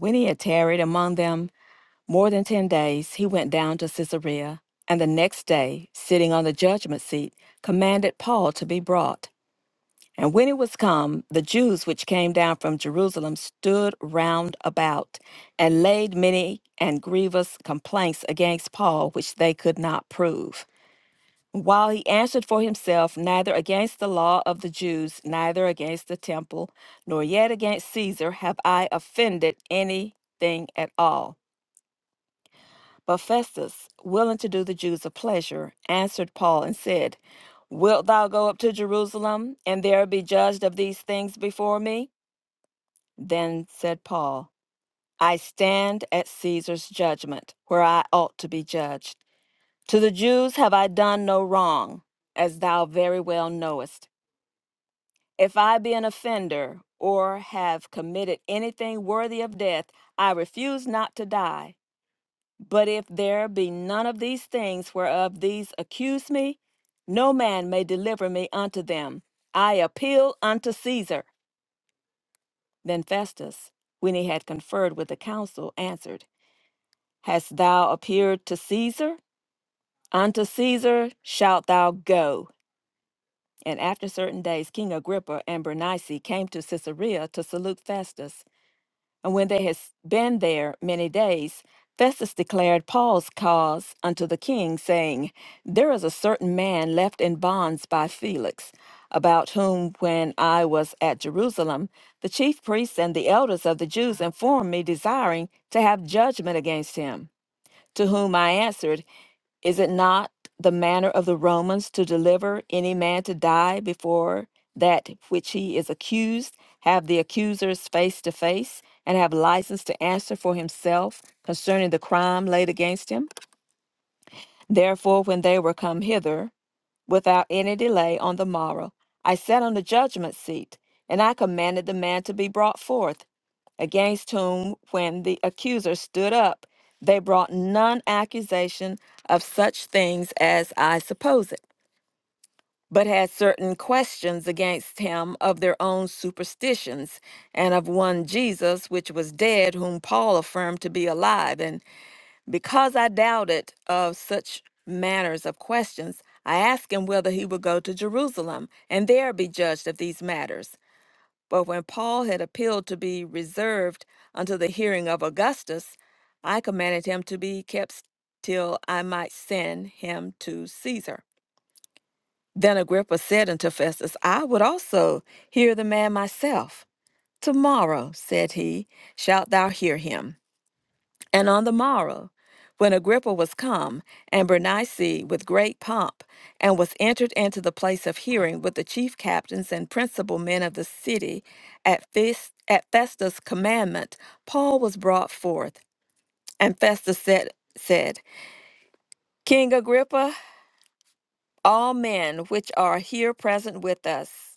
[SPEAKER 2] When he had tarried among them more than ten days, he went down to Caesarea, and the next day, sitting on the judgment seat, commanded Paul to be brought. And when it was come, the Jews which came down from Jerusalem stood round about and laid many and grievous complaints against Paul, which they could not prove. While he answered for himself neither against the law of the Jews, neither against the temple, nor yet against Caesar, have I offended anything at all. But Festus, willing to do the Jews a pleasure, answered Paul and said, Wilt thou go up to Jerusalem, and there be judged of these things before me? Then said Paul, I stand at Caesar's judgment, where I ought to be judged. To the Jews have I done no wrong, as thou very well knowest. If I be an offender, or have committed anything worthy of death, I refuse not to die. But if there be none of these things whereof these accuse me, no man may deliver me unto them. I appeal unto Caesar. Then Festus, when he had conferred with the council, answered, Hast thou appeared to Caesar? Unto Caesar shalt thou go. And after certain days, King Agrippa and Bernice came to Caesarea to salute Festus. And when they had been there many days, Festus declared Paul's cause unto the king, saying, There is a certain man left in bonds by Felix, about whom, when I was at Jerusalem, the chief priests and the elders of the Jews informed me, desiring to have judgment against him. To whom I answered, is it not the manner of the Romans to deliver any man to die before that which he is accused, have the accusers face to face, and have license to answer for himself concerning the crime laid against him? Therefore, when they were come hither, without any delay on the morrow. I sat on the judgment seat, and I commanded the man to be brought forth, against whom, when the accuser stood up, they brought none accusation of such things as I suppose it, but had certain questions against him of their own superstitions, and of one Jesus, which was dead, whom Paul affirmed to be alive, and. Because I doubted of such manners of questions, I asked him whether he would go to Jerusalem and there be judged of these matters. But when Paul had appealed to be reserved unto the hearing of Augustus, I commanded him to be kept till I might send him to Caesar. Then Agrippa said unto Festus, I would also hear the man myself. Tomorrow, said he, shalt thou hear him. And on the morrow, when Agrippa was come, and Bernice with great pomp, and was entered into the place of hearing with the chief captains and principal men of the city, at, Fes- at Festus' commandment, Paul was brought forth. And Festus said, said, King Agrippa, all men which are here present with us.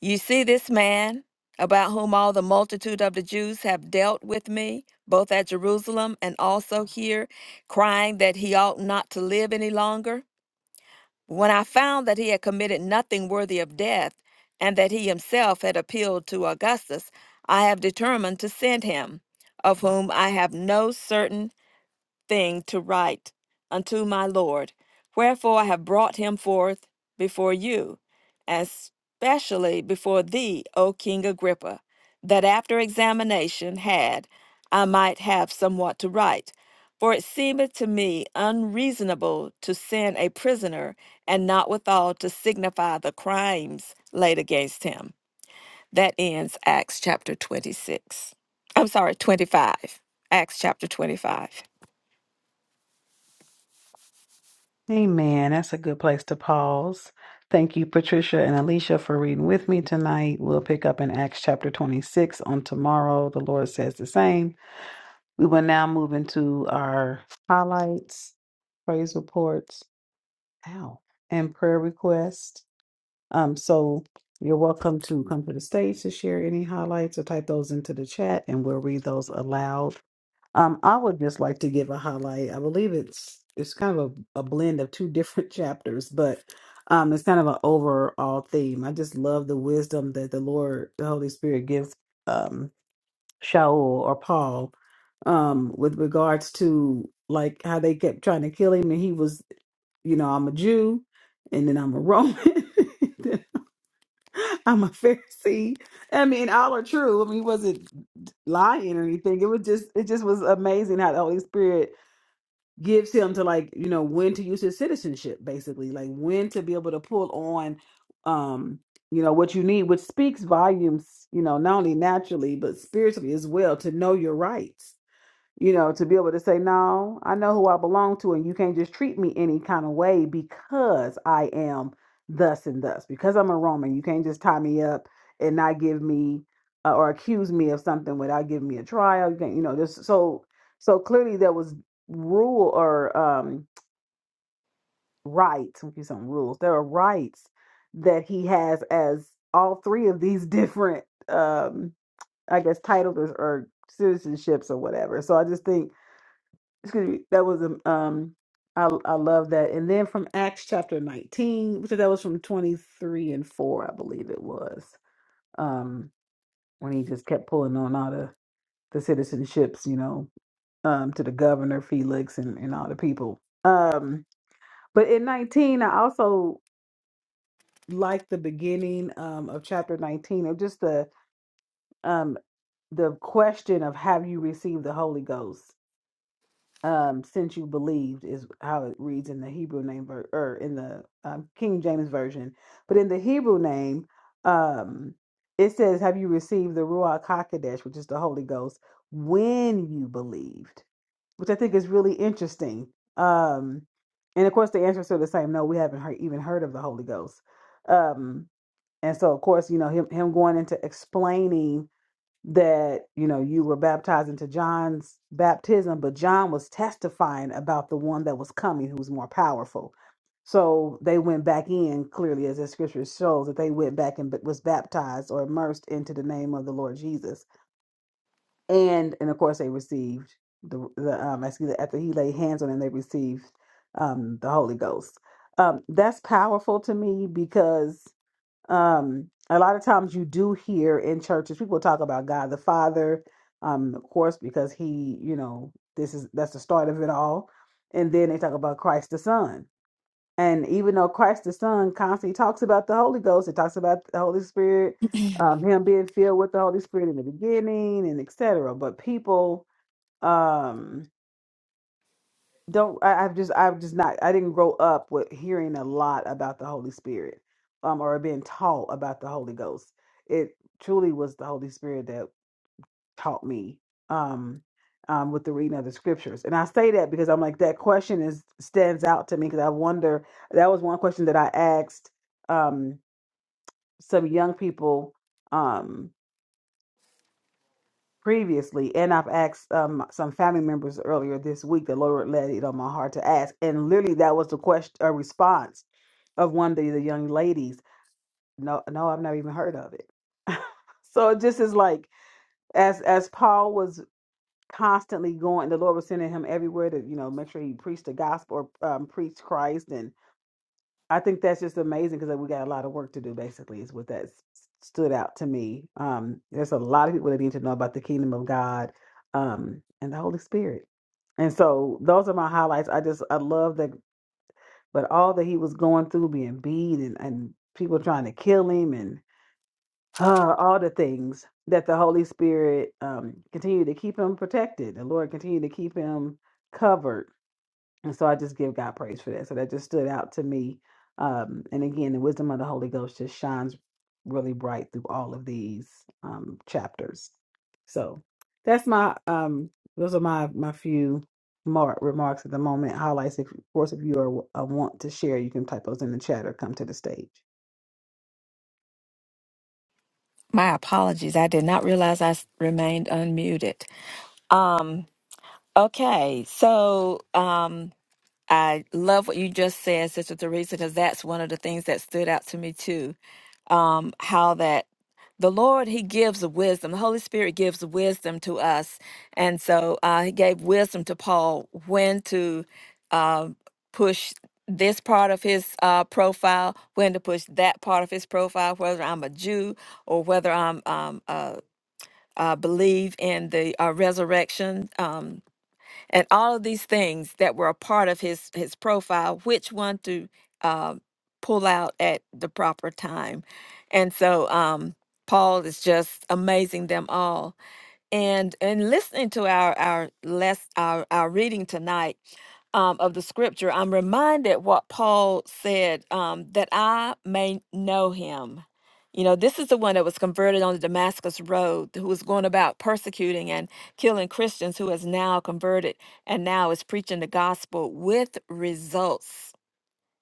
[SPEAKER 2] You see this man, about whom all the multitude of the Jews have dealt with me, both at Jerusalem and also here, crying that he ought not to live any longer? When I found that he had committed nothing worthy of death, and that he himself had appealed to Augustus, I have determined to send him, of whom I have no certain thing to write unto my Lord. Wherefore I have brought him forth before you, and specially before thee, O King Agrippa, that after examination had, I might have somewhat to write. For it seemeth to me unreasonable to send a prisoner, and not withal to signify the crimes laid against him. That ends Acts chapter 26. I'm sorry, 25. Acts chapter 25.
[SPEAKER 1] Amen. That's a good place to pause. Thank you, Patricia and Alicia, for reading with me tonight. We'll pick up in Acts chapter 26 on tomorrow. The Lord says the same. We will now move into our highlights, praise reports, ow, and prayer requests. Um, so you're welcome to come to the stage to share any highlights or type those into the chat, and we'll read those aloud. Um, I would just like to give a highlight. I believe it's it's kind of a, a blend of two different chapters, but um, it's kind of an overall theme. I just love the wisdom that the Lord, the Holy Spirit, gives um, Shaul or Paul um, with regards to like how they kept trying to kill him, and he was, you know, I'm a Jew, and then I'm a Roman. then I'm a Pharisee. I mean, all are true. I mean, he wasn't lying or anything. It was just, it just was amazing how the Holy Spirit gives him to like you know when to use his citizenship basically like when to be able to pull on um you know what you need which speaks volumes you know not only naturally but spiritually as well to know your rights you know, to be able to say, no, I know who I belong to, and you can't just treat me any kind of way because I am thus and thus, because I'm a Roman. You can't just tie me up and not give me uh, or accuse me of something without giving me a trial. You can't, you know, just so so clearly there was rule or um rights, let me give you some rules. There are rights that he has as all three of these different um I guess titles or, or citizenships or whatever. So I just think excuse me, that was um um, I I love that. And then from Acts chapter 19, which that was from 23 and 4, I believe it was. Um when he just kept pulling on all the the citizenships, you know, um to the governor Felix and and all the people. Um but in 19 I also like the beginning um of chapter 19 of just the um the question of have you received the Holy Ghost? um, since you believed is how it reads in the Hebrew name ver- or in the um, King James version. But in the Hebrew name, um, it says, "Have you received the Ruach Hakodesh, which is the Holy Ghost, when you believed?" Which I think is really interesting. Um, and of course, the answer is still the same: No, we haven't heard, even heard of the Holy Ghost. Um, and so, of course, you know him him going into explaining that you know you were baptized into John's baptism, but John was testifying about the one that was coming, who was more powerful. So they went back in clearly, as the scripture shows that they went back and b- was baptized or immersed into the name of the Lord Jesus, and and of course they received the the um excuse me, after he laid hands on them, they received um the Holy Ghost. Um, that's powerful to me because um a lot of times you do hear in churches people talk about god the father um of course because he you know this is that's the start of it all and then they talk about christ the son and even though christ the son constantly talks about the holy ghost it talks about the holy spirit um him being filled with the holy spirit in the beginning and etc but people um, don't I, I've just I've just not I didn't grow up with hearing a lot about the Holy Spirit um or being taught about the Holy Ghost. It truly was the Holy Spirit that taught me um um with the reading of the scriptures. And I say that because I'm like that question is stands out to me because I wonder that was one question that I asked um some young people um previously, and I've asked um, some family members earlier this week. The Lord led it on my heart to ask, and literally that was the question, a response of one of the, the young ladies. No, no, I've never even heard of it. so it just is like as as Paul was constantly going, the Lord was sending him everywhere to you know make sure he preached the gospel or um, preached Christ, and. I think that's just amazing because we got a lot of work to do. Basically, is what that s- stood out to me. Um, there's a lot of people that need to know about the kingdom of God um, and the Holy Spirit. And so those are my highlights. I just I love that, but all that he was going through, being beat and, and people trying to kill him, and uh, all the things that the Holy Spirit um, continued to keep him protected. The Lord continued to keep him covered and so I just give God praise for that. So that just stood out to me. Um, and again, the wisdom of the Holy Ghost just shines really bright through all of these um, chapters. So that's my um, those are my my few mar- remarks at the moment. Highlights, if, of course, if you are uh, want to share, you can type those in the chat or come to the stage.
[SPEAKER 2] My apologies. I did not realize I s- remained unmuted. Okay, so um, I love what you just said, Sister Teresa, because that's one of the things that stood out to me too. Um, how that the Lord He gives the wisdom. The Holy Spirit gives wisdom to us, and so uh, He gave wisdom to Paul when to uh, push this part of his uh, profile, when to push that part of his profile, whether I'm a Jew or whether I'm um, a uh, believe in the uh, resurrection, um, and all of these things that were a part of his his profile. Which one to uh, pull out at the proper time, and so um, Paul is just amazing them all and and listening to our our less our our reading tonight um, of the scripture, I'm reminded what Paul said um, that I may know him. You know, this is the one that was converted on the Damascus Road, who was going about persecuting and killing Christians, who is now converted and now is preaching the gospel with results.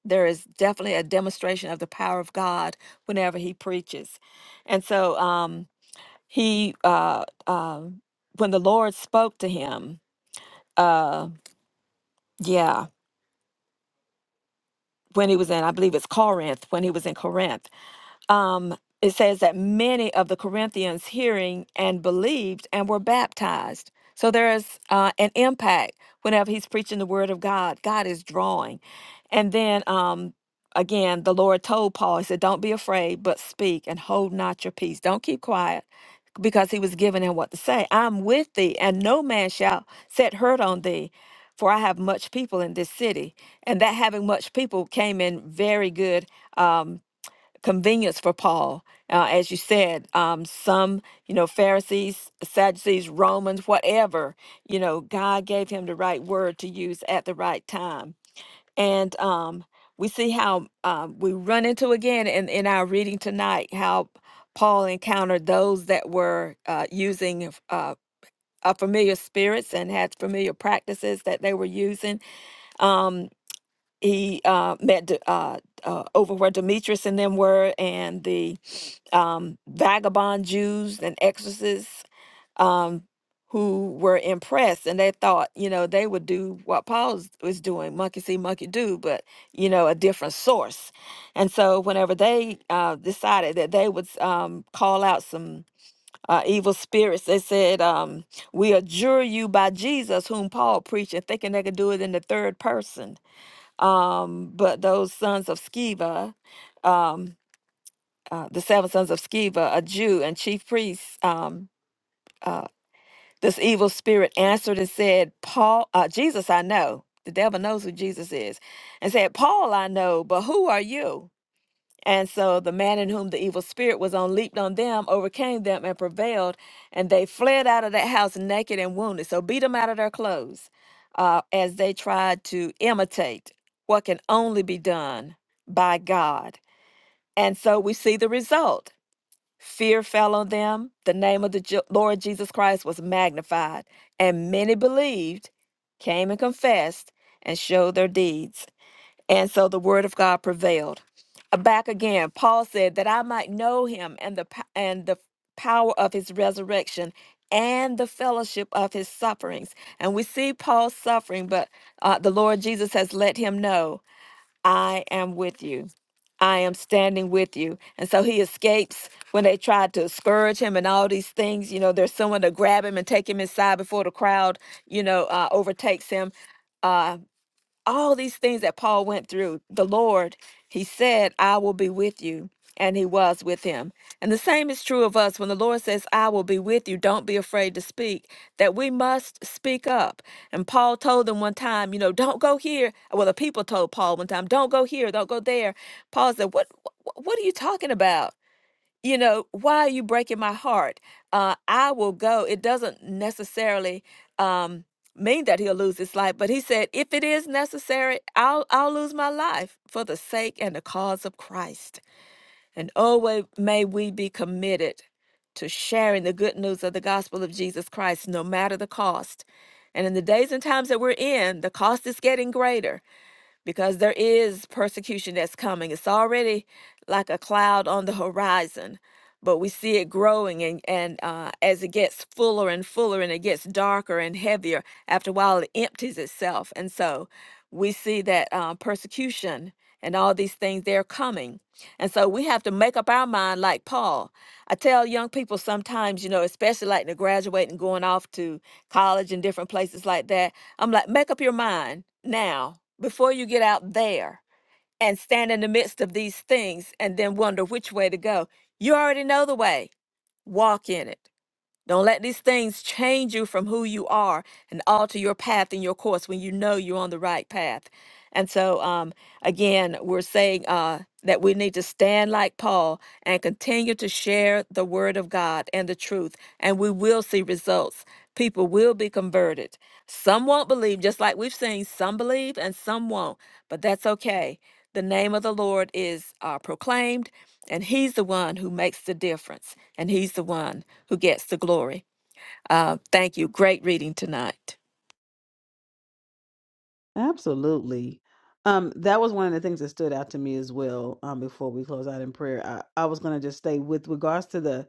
[SPEAKER 2] There is definitely a demonstration of the power of God whenever he preaches. And so, um, he uh um when the lord spoke to him uh yeah when he was in i believe it's corinth when he was in corinth um it says that many of the corinthians hearing and believed and were baptized so there's uh, an impact whenever he's preaching the word of god god is drawing and then um again the lord told paul he said don't be afraid but speak and hold not your peace don't keep quiet because he was giving him what to say. I'm with thee, and no man shall set hurt on thee, for I have much people in this city. And that having much people came in very good um, convenience for Paul. Uh, as you said, um, some, you know, Pharisees, Sadducees, Romans, whatever, you know, God gave him the right word to use at the right time and um, we see how um, we run into again in, in our reading tonight how paul encountered those that were uh, using f- uh, uh, familiar spirits and had familiar practices that they were using um, he uh, met D- uh, uh, over where demetrius and them were and the um, vagabond jews and exorcists um, who were impressed and they thought, you know, they would do what Paul was was doing, monkey see, monkey do, but, you know, a different source. And so whenever they uh, decided that they would um, call out some uh, evil spirits, they said, um, we adjure you by Jesus, whom Paul preached, and thinking they could do it in the third person. Um, but those sons of Sceva, um, uh, the seven sons of Sceva, a Jew and chief priest, um, uh, this evil spirit answered and said, Paul, uh, Jesus, I know. The devil knows who Jesus is. And said, Paul, I know, but who are you? And so the man in whom the evil spirit was on leaped on them, overcame them, and prevailed. And they fled out of that house naked and wounded. So beat them out of their clothes uh, as they tried to imitate what can only be done by God. And so we see the result. Fear fell on them. The name of the Je- Lord Jesus Christ was magnified, and many believed, came and confessed, and showed their deeds. And so the word of God prevailed. Uh, Back again, Paul said that I might know him and the po- and the power of his resurrection and the fellowship of his sufferings. And we see Paul's suffering, but uh, the Lord Jesus has let him know I am with you. I am standing with you. And so he escapes when they tried to scourge him and all these things. You know, there's someone to grab him and take him inside before the crowd, you know, uh, overtakes him. Uh, all these things that Paul went through, the Lord, he said, I will be with you. And he was with him. And the same is true of us. When the Lord says, I will be with you, don't be afraid to speak, that we must speak up. And Paul told them one time, you know, don't go here. Well, the people told Paul one time, don't go here, don't go there. Paul said, What, what, what are you talking about? you know, why are you breaking my heart? Uh, I will go. It doesn't necessarily um, mean that he'll lose his life, but he said, if it is necessary, I'll I'll lose my life for the sake and the cause of Christ. And oh, wa- may we be committed to sharing the good news of the gospel of Jesus Christ, no matter the cost. And in the days and times that we're in, the cost is getting greater because there is persecution that's coming. It's already like a cloud on the horizon, but we see it growing, and and uh, as it gets fuller and fuller, and it gets darker and heavier. After a while, it empties itself, and so we see that uh, persecution and all these things they're coming. And so we have to make up our mind, like Paul. I tell young people sometimes, you know, especially like they're graduating, going off to college and different places like that I'm like, make up your mind now before you get out there and stand in the midst of these things and then wonder which way to go. You already know the way. Walk in it. Don't let these things change you from who you are and alter your path and your course when you know you're on the right path. And so, um, again, we're saying uh, that we need to stand like Paul and continue to share the word of God and the truth, and we will see results. People will be converted. Some won't believe, just like we've seen, some believe and some won't, but that's okay. The name of the Lord is uh, proclaimed, and He's the one who makes the difference, and He's the one who gets the glory. Uh, thank you. Great reading tonight.
[SPEAKER 1] Absolutely. Um, that was one of the things that stood out to me as well. Um, before we close out in prayer, I, I was going to just say with regards to the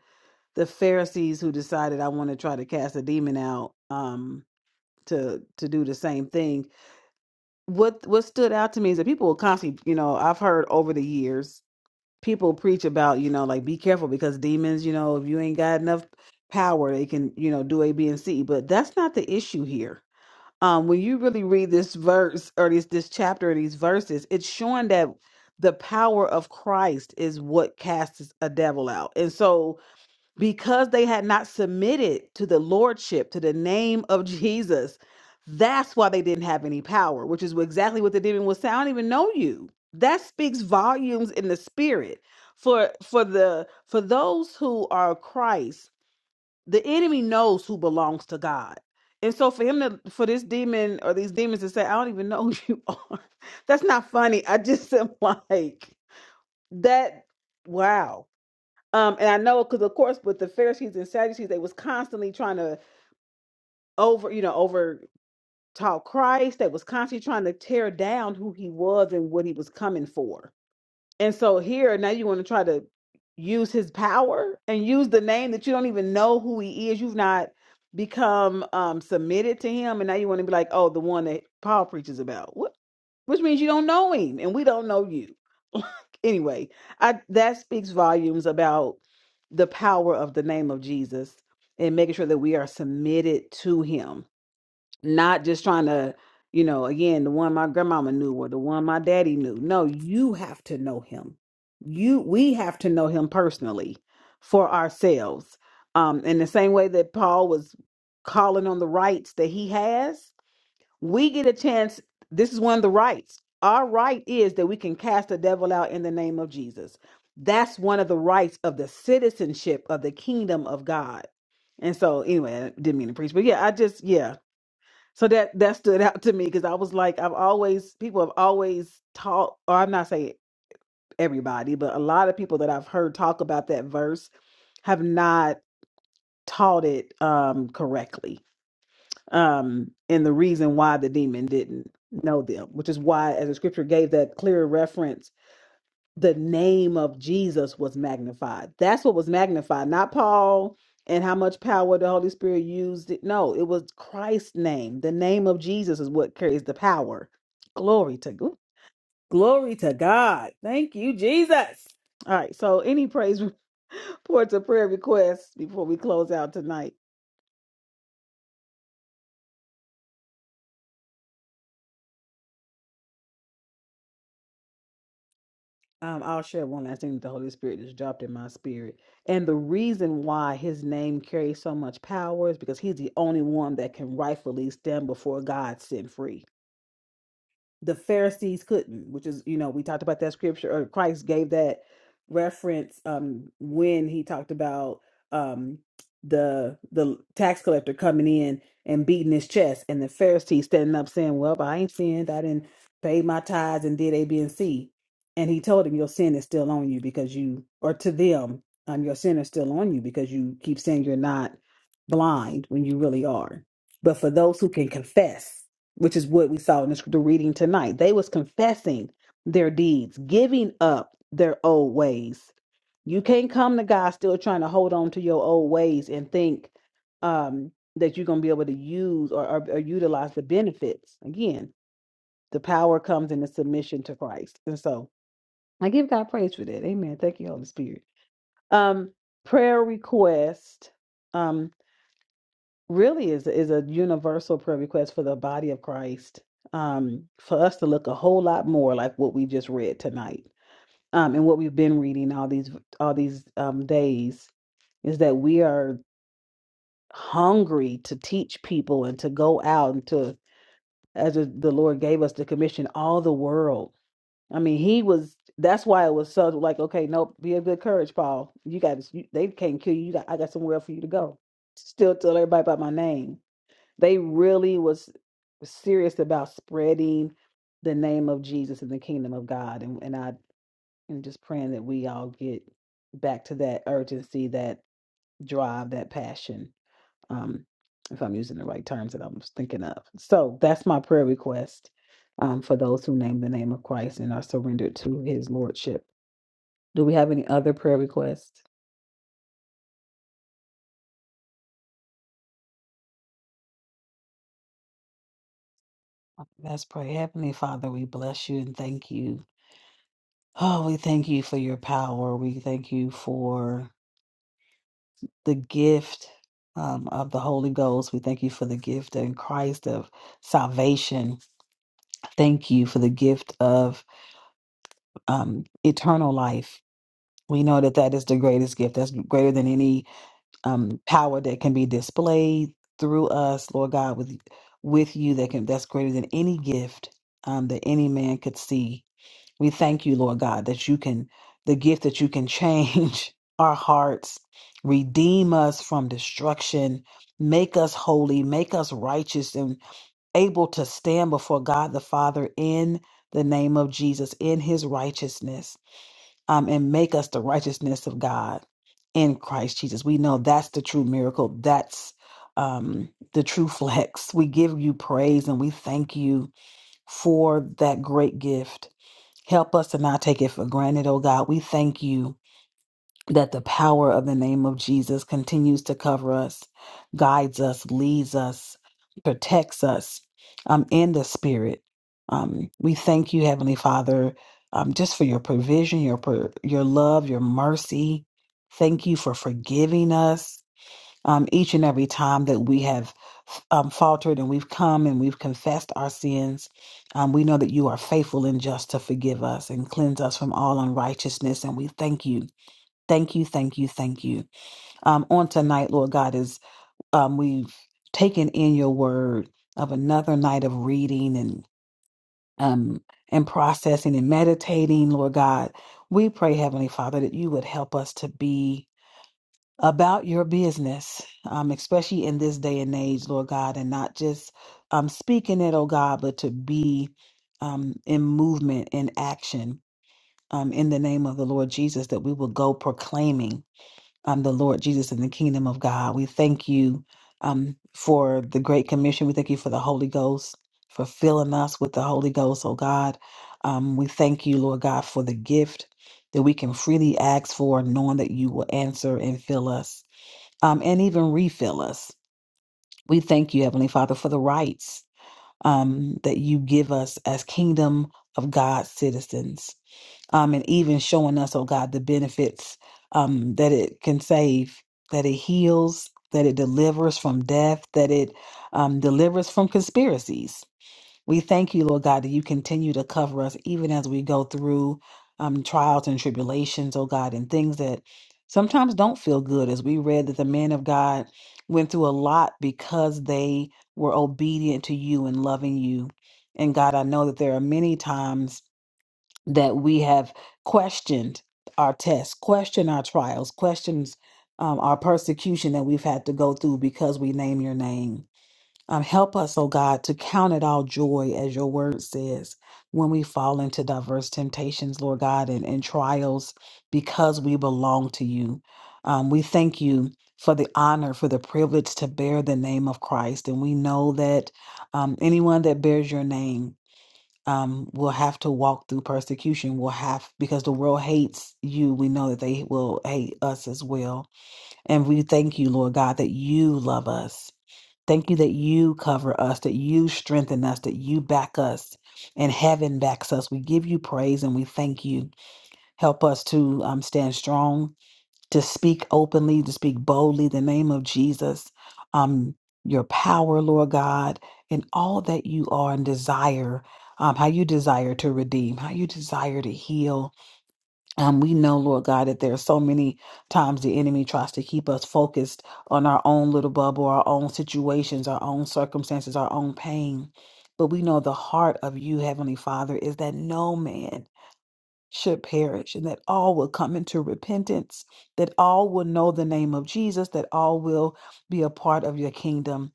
[SPEAKER 1] the Pharisees who decided I want to try to cast a demon out, um, to to do the same thing. What what stood out to me is that people will constantly, you know, I've heard over the years people preach about, you know, like be careful because demons, you know, if you ain't got enough power, they can, you know, do A, B, and C. But that's not the issue here um, when you really read this verse or this this chapter or these verses, it's showing that the power of Christ is what casts a devil out. And so, because they had not submitted to the lordship, to the name of Jesus, that's why they didn't have any power, which is exactly what the demon was saying. I don't even know you. That speaks volumes in the spirit. For for the for those who are Christ, the enemy knows who belongs to God. And so for him to for this demon or these demons to say, I don't even know who you are, that's not funny. I just am like that wow. Um, and I know because of course with the Pharisees and Sadducees, they was constantly trying to over, you know, over talk Christ. They was constantly trying to tear down who he was and what he was coming for and so here now you want to try to use his power and use the name that you don't even know who he is. You've not become um submitted to him and now you want to be like, "Oh, the one that Paul preaches about." What? Which means you don't know him and we don't know you. anyway, I that speaks volumes about the power of the name of Jesus and making sure that we are submitted to him not just trying to you know again the one my grandmama knew or the one my daddy knew no you have to know him you we have to know him personally for ourselves um in the same way that paul was calling on the rights that he has we get a chance this is one of the rights our right is that we can cast the devil out in the name of jesus that's one of the rights of the citizenship of the kingdom of god and so anyway i didn't mean to preach but yeah i just yeah so that that stood out to me because I was like, I've always people have always taught, or I'm not saying everybody, but a lot of people that I've heard talk about that verse have not taught it um correctly. Um, and the reason why the demon didn't know them, which is why as the scripture gave that clear reference the name of Jesus was magnified. That's what was magnified, not Paul and how much power the Holy Spirit used. It. No, it was Christ's name. The name of Jesus is what carries the power. Glory to God. Glory to God. Thank you, Jesus. All right. So, any praise reports or prayer requests before we close out tonight? Um, I'll share one last thing that the Holy Spirit just dropped in my spirit. And the reason why his name carries so much power is because he's the only one that can rightfully stand before God sin free the Pharisees couldn't, which is, you know, we talked about that scripture, or Christ gave that reference um when he talked about um the the tax collector coming in and beating his chest and the Pharisees standing up saying, Well, I ain't sinned, I didn't pay my tithes and did A, B, and C. And he told him, Your sin is still on you because you or to them, um, your sin is still on you because you keep saying you're not blind when you really are. But for those who can confess which is what we saw in the, the reading tonight. They was confessing their deeds, giving up their old ways. You can't come to God still trying to hold on to your old ways and think um, that you're going to be able to use or, or, or utilize the benefits. Again, the power comes in the submission to Christ. And so I give God praise for that. Amen. Thank you, Holy Spirit. Um, prayer request. um, really is is a universal prayer request for the body of Christ. Um, for us to look a whole lot more like what we just read tonight, um, and what we've been reading all these all these um, days is that we are hungry to teach people and to go out and to as the the Lord gave us the commission, all the world. I mean, He was. That's why it was so like, okay, nope, be of good courage, Paul. You got. You, they can't kill you. you got, I got somewhere else for you to go. Still tell everybody about my name they really was serious about spreading the name of Jesus and the kingdom of God. And and I am just praying that we all get back to that urgency, that drive, that passion. Um, if I'm using the right terms that I'm thinking of. So that's my prayer request um, for those who name the name of Christ and are surrendered to his lordship. Do we have any other prayer requests? Let's pray. Heavenly Father, we bless you and thank you. Oh, we thank you for your power. We thank you for the gift um, of the Holy Ghost. We thank you for the gift in Christ of salvation. Thank you for the gift of um, eternal life. We know that that is the greatest gift. That's greater than any um, power that can be displayed through us, Lord God, with with you. That can that's greater than any gift um, that any man could see. We thank you, Lord God, that you can, the gift that you can change our hearts, redeem us from destruction, make us holy, make us righteous, and able to stand before God the Father in the name of Jesus, in his righteousness, um, and make us the righteousness of God in Christ Jesus. We know that's the true miracle. That's um, the true flex. We give you praise and we thank you for that great gift. Help us to not take it for granted, oh God. We thank you that the power of the name of Jesus continues to cover us, guides us, leads us, protects us um, in the spirit. Um, we thank you, Heavenly Father, um, just for your provision, your pro- your love, your mercy. Thank you for forgiving us um, each and every time that we have um, faltered and we've come and we've confessed our sins. Um, we know that you are faithful and just to forgive us and cleanse us from all unrighteousness. And we thank you. Thank you, thank you, thank you. Um, on tonight, Lord God, is um, we've taken in your word of another night of reading and um, and processing and meditating, Lord God. We pray, Heavenly Father, that you would help us to be about your business, um, especially in this day and age, Lord God, and not just um, speaking it, oh God, but to be um, in movement, in action, um, in the name of the Lord Jesus, that we will go proclaiming um, the Lord Jesus and the kingdom of God. We thank you um, for the Great Commission. We thank you for the Holy Ghost, for filling us with the Holy Ghost, oh God. Um, we thank you, Lord God, for the gift that we can freely ask for, knowing that you will answer and fill us um, and even refill us. We thank you, Heavenly Father, for the rights um, that you give us as kingdom of God citizens, um, and even showing us, oh God, the benefits um, that it can save, that it heals, that it delivers from death, that it um, delivers from conspiracies we thank you, Lord God, that you continue to cover us even as we go through um, trials and tribulations, oh God, and things that sometimes don't feel good. As we read that the men of God went through a lot because they were obedient to you and loving you. And God, I know that there are many times that we have questioned our tests, questioned our trials, questions um, our persecution that we've had to go through because we name your name. Um, help us, oh God, to count it all joy, as your word says, when we fall into diverse temptations, Lord God, and, and trials because we belong to you. Um, we thank you for the honor, for the privilege to bear the name of Christ. And we know that um, anyone that bears your name, um, will have to walk through persecution. Will have because the world hates you. We know that they will hate us as well. And we thank you, Lord God, that you love us Thank you that you cover us, that you strengthen us, that you back us, and heaven backs us. We give you praise and we thank you. Help us to um, stand strong, to speak openly, to speak boldly, the name of Jesus, um, your power, Lord God, and all that you are and desire, um, how you desire to redeem, how you desire to heal, um, we know, Lord God, that there are so many times the enemy tries to keep us focused on our own little bubble, our own situations, our own circumstances, our own pain. But we know the heart of you, Heavenly Father, is that no man should perish and that all will come into repentance, that all will know the name of Jesus, that all will be a part of your kingdom.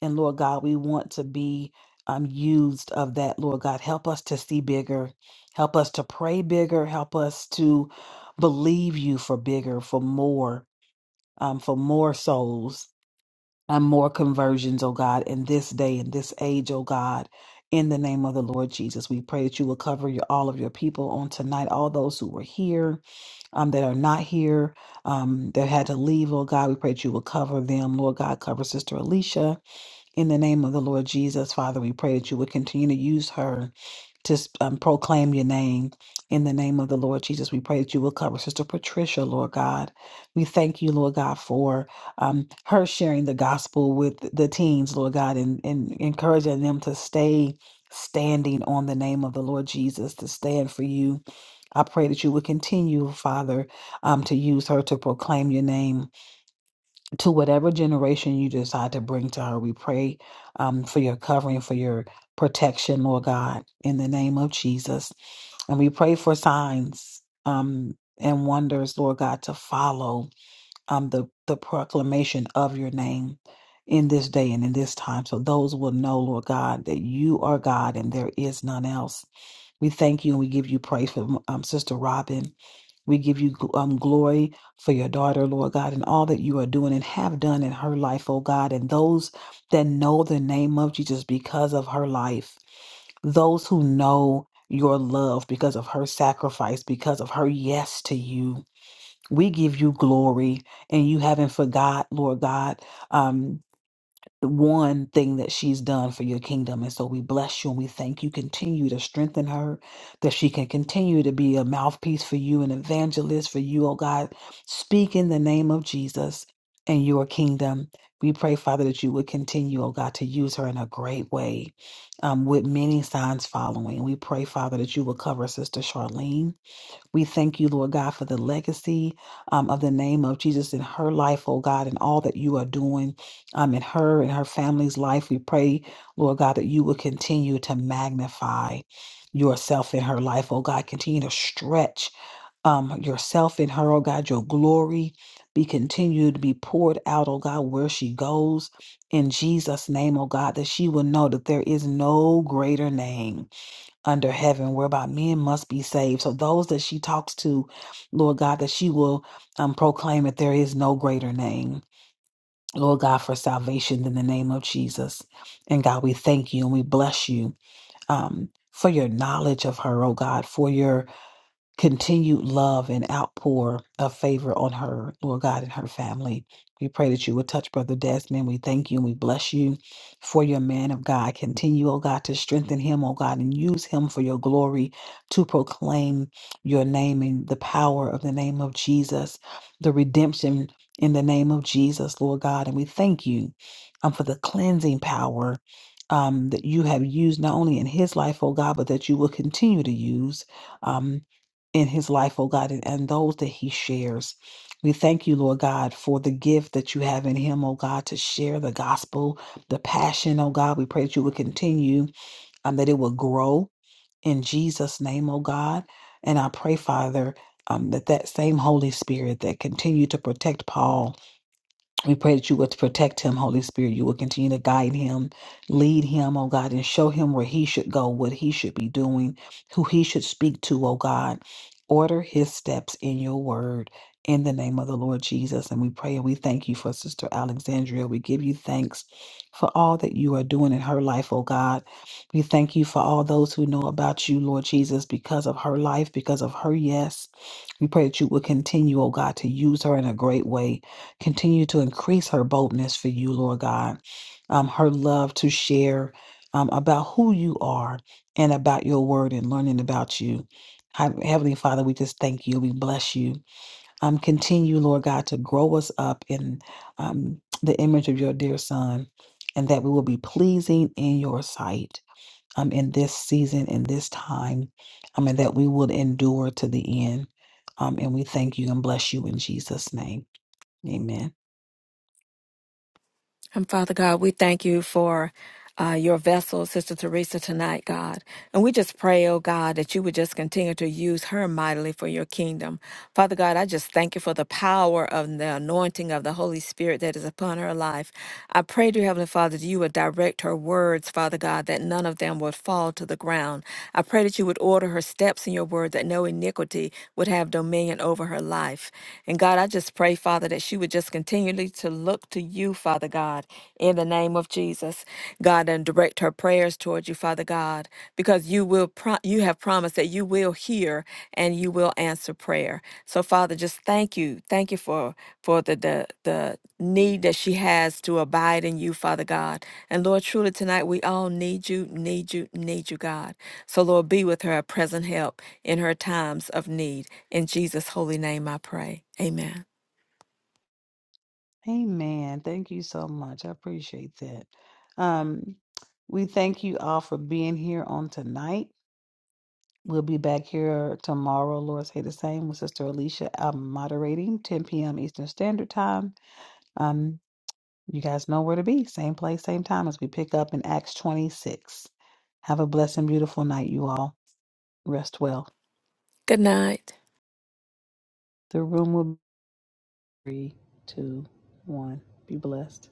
[SPEAKER 1] And Lord God, we want to be um, used of that, Lord God. Help us to see bigger. Help us to pray bigger. Help us to believe you for bigger, for more, um, for more souls and more conversions, oh God, in this day, in this age, oh God. In the name of the Lord Jesus, we pray that you will cover your, all of your people on tonight, all those who were here, um, that are not here, um, that had to leave, Lord God. We pray that you will cover them, Lord God. Cover Sister Alicia, in the name of the Lord Jesus, Father, we pray that you would continue to use her to um, proclaim your name. In the name of the Lord Jesus, we pray that you will cover Sister Patricia, Lord God. We thank you, Lord God, for um, her sharing the gospel with the teens, Lord God, and, and encouraging them to stay standing on the name of the Lord Jesus, to stand for you. I pray that you would continue, Father, um, to use her to proclaim your name to whatever generation you decide to bring to her. We pray um, for your covering, for your protection, Lord God, in the name of Jesus. And we pray for signs um, and wonders, Lord God, to follow um, the, the proclamation of your name in this day and in this time. So those will know, Lord God, that you are God and there is none else. We thank you and we give you praise for um, Sister Robin. We give you gl- um, glory for your daughter, Lord God, and all that you are doing and have done in her life, oh God, and those that know the name of Jesus because of her life, those who know your love because of her sacrifice, because of her yes to you. We give you glory, and you haven't forgot, Lord God. um, the one thing that she's done for your kingdom. And so we bless you and we thank you. Continue to strengthen her, that she can continue to be a mouthpiece for you, an evangelist for you, oh God. Speak in the name of Jesus and your kingdom. We pray, Father, that you would continue, oh God, to use her in a great way um, with many signs following. We pray, Father, that you will cover Sister Charlene. We thank you, Lord God, for the legacy um, of the name of Jesus in her life, oh God, and all that you are doing um, in her and her family's life. We pray, Lord God, that you will continue to magnify yourself in her life, oh God. Continue to stretch um, yourself in her, oh God, your glory. Be continued to be poured out, oh God, where she goes. In Jesus' name, oh God, that she will know that there is no greater name under heaven whereby men must be saved. So those that she talks to, Lord God, that she will um, proclaim that there is no greater name, Lord God, for salvation than the name of Jesus. And God, we thank you and we bless you um, for your knowledge of her, oh God, for your continued love and outpour of favor on her, Lord God, and her family. We pray that you would touch Brother Desmond. We thank you and we bless you for your man of God. Continue, oh God, to strengthen him, oh God, and use him for your glory to proclaim your name and the power of the name of Jesus, the redemption in the name of Jesus, Lord God. And we thank you um, for the cleansing power um, that you have used not only in his life, oh God, but that you will continue to use. um, in his life, oh God, and, and those that he shares. We thank you, Lord God, for the gift that you have in him, oh God, to share the gospel, the passion, oh God. We pray that you will continue, um, that it will grow in Jesus' name, oh God. And I pray, Father, um, that that same Holy Spirit that continued to protect Paul we pray that you would protect him, Holy Spirit. You would continue to guide him, lead him, oh God, and show him where he should go, what he should be doing, who he should speak to, oh God. Order his steps in your word in the name of the Lord Jesus. And we pray and we thank you for Sister Alexandria. We give you thanks for all that you are doing in her life, oh God. We thank you for all those who know about you, Lord Jesus, because of her life, because of her yes. We pray that you would continue, oh God, to use her in a great way Continue to increase her boldness for you, Lord God, um, her love to share um, about who you are and about your word and learning about you. Hi- Heavenly Father, we just thank you. We bless you. Um, continue, Lord God, to grow us up in um, the image of your dear Son and that we will be pleasing in your sight um, in this season, in this time, um, and that we would endure to the end. Um, and we thank you and bless you in Jesus' name. Amen.
[SPEAKER 2] And Father God, we thank you for uh, your vessel, Sister Teresa, tonight, God. And we just pray, oh God, that you would just continue to use her mightily for your kingdom. Father God, I just thank you for the power of the anointing of the Holy Spirit that is upon her life. I pray dear Heavenly Father that you would direct her words, Father God, that none of them would fall to the ground. I pray that you would order her steps in your word, that no iniquity would have dominion over her life. And God, And God, I just pray, Father, that she would just continually to look to you, Father God, in the name of Jesus. God, and direct her prayers towards you, Father God, because you will pro- you have promised that you will hear and you will answer prayer. So, Father, just thank you. Thank you for for the the, the need that she has to abide in you, Father God. And Lord, truly tonight we all need you, need you, need you, God. So, Lord, be with her, a present help in her times of need. In Jesus' holy name I pray. Amen.
[SPEAKER 1] Amen. Thank you so much. I appreciate that. Um, we thank you all for being here on tonight. We'll be back here tomorrow, Lord say the same, with Sister Alicia um, moderating 10 p.m. Eastern Standard Time. Um, you guys know where to be. Same place, same time as we pick up in Acts 26. Have a blessed and beautiful night, you all. Rest well.
[SPEAKER 2] Good night.
[SPEAKER 1] The room will be three, two, one. Be blessed.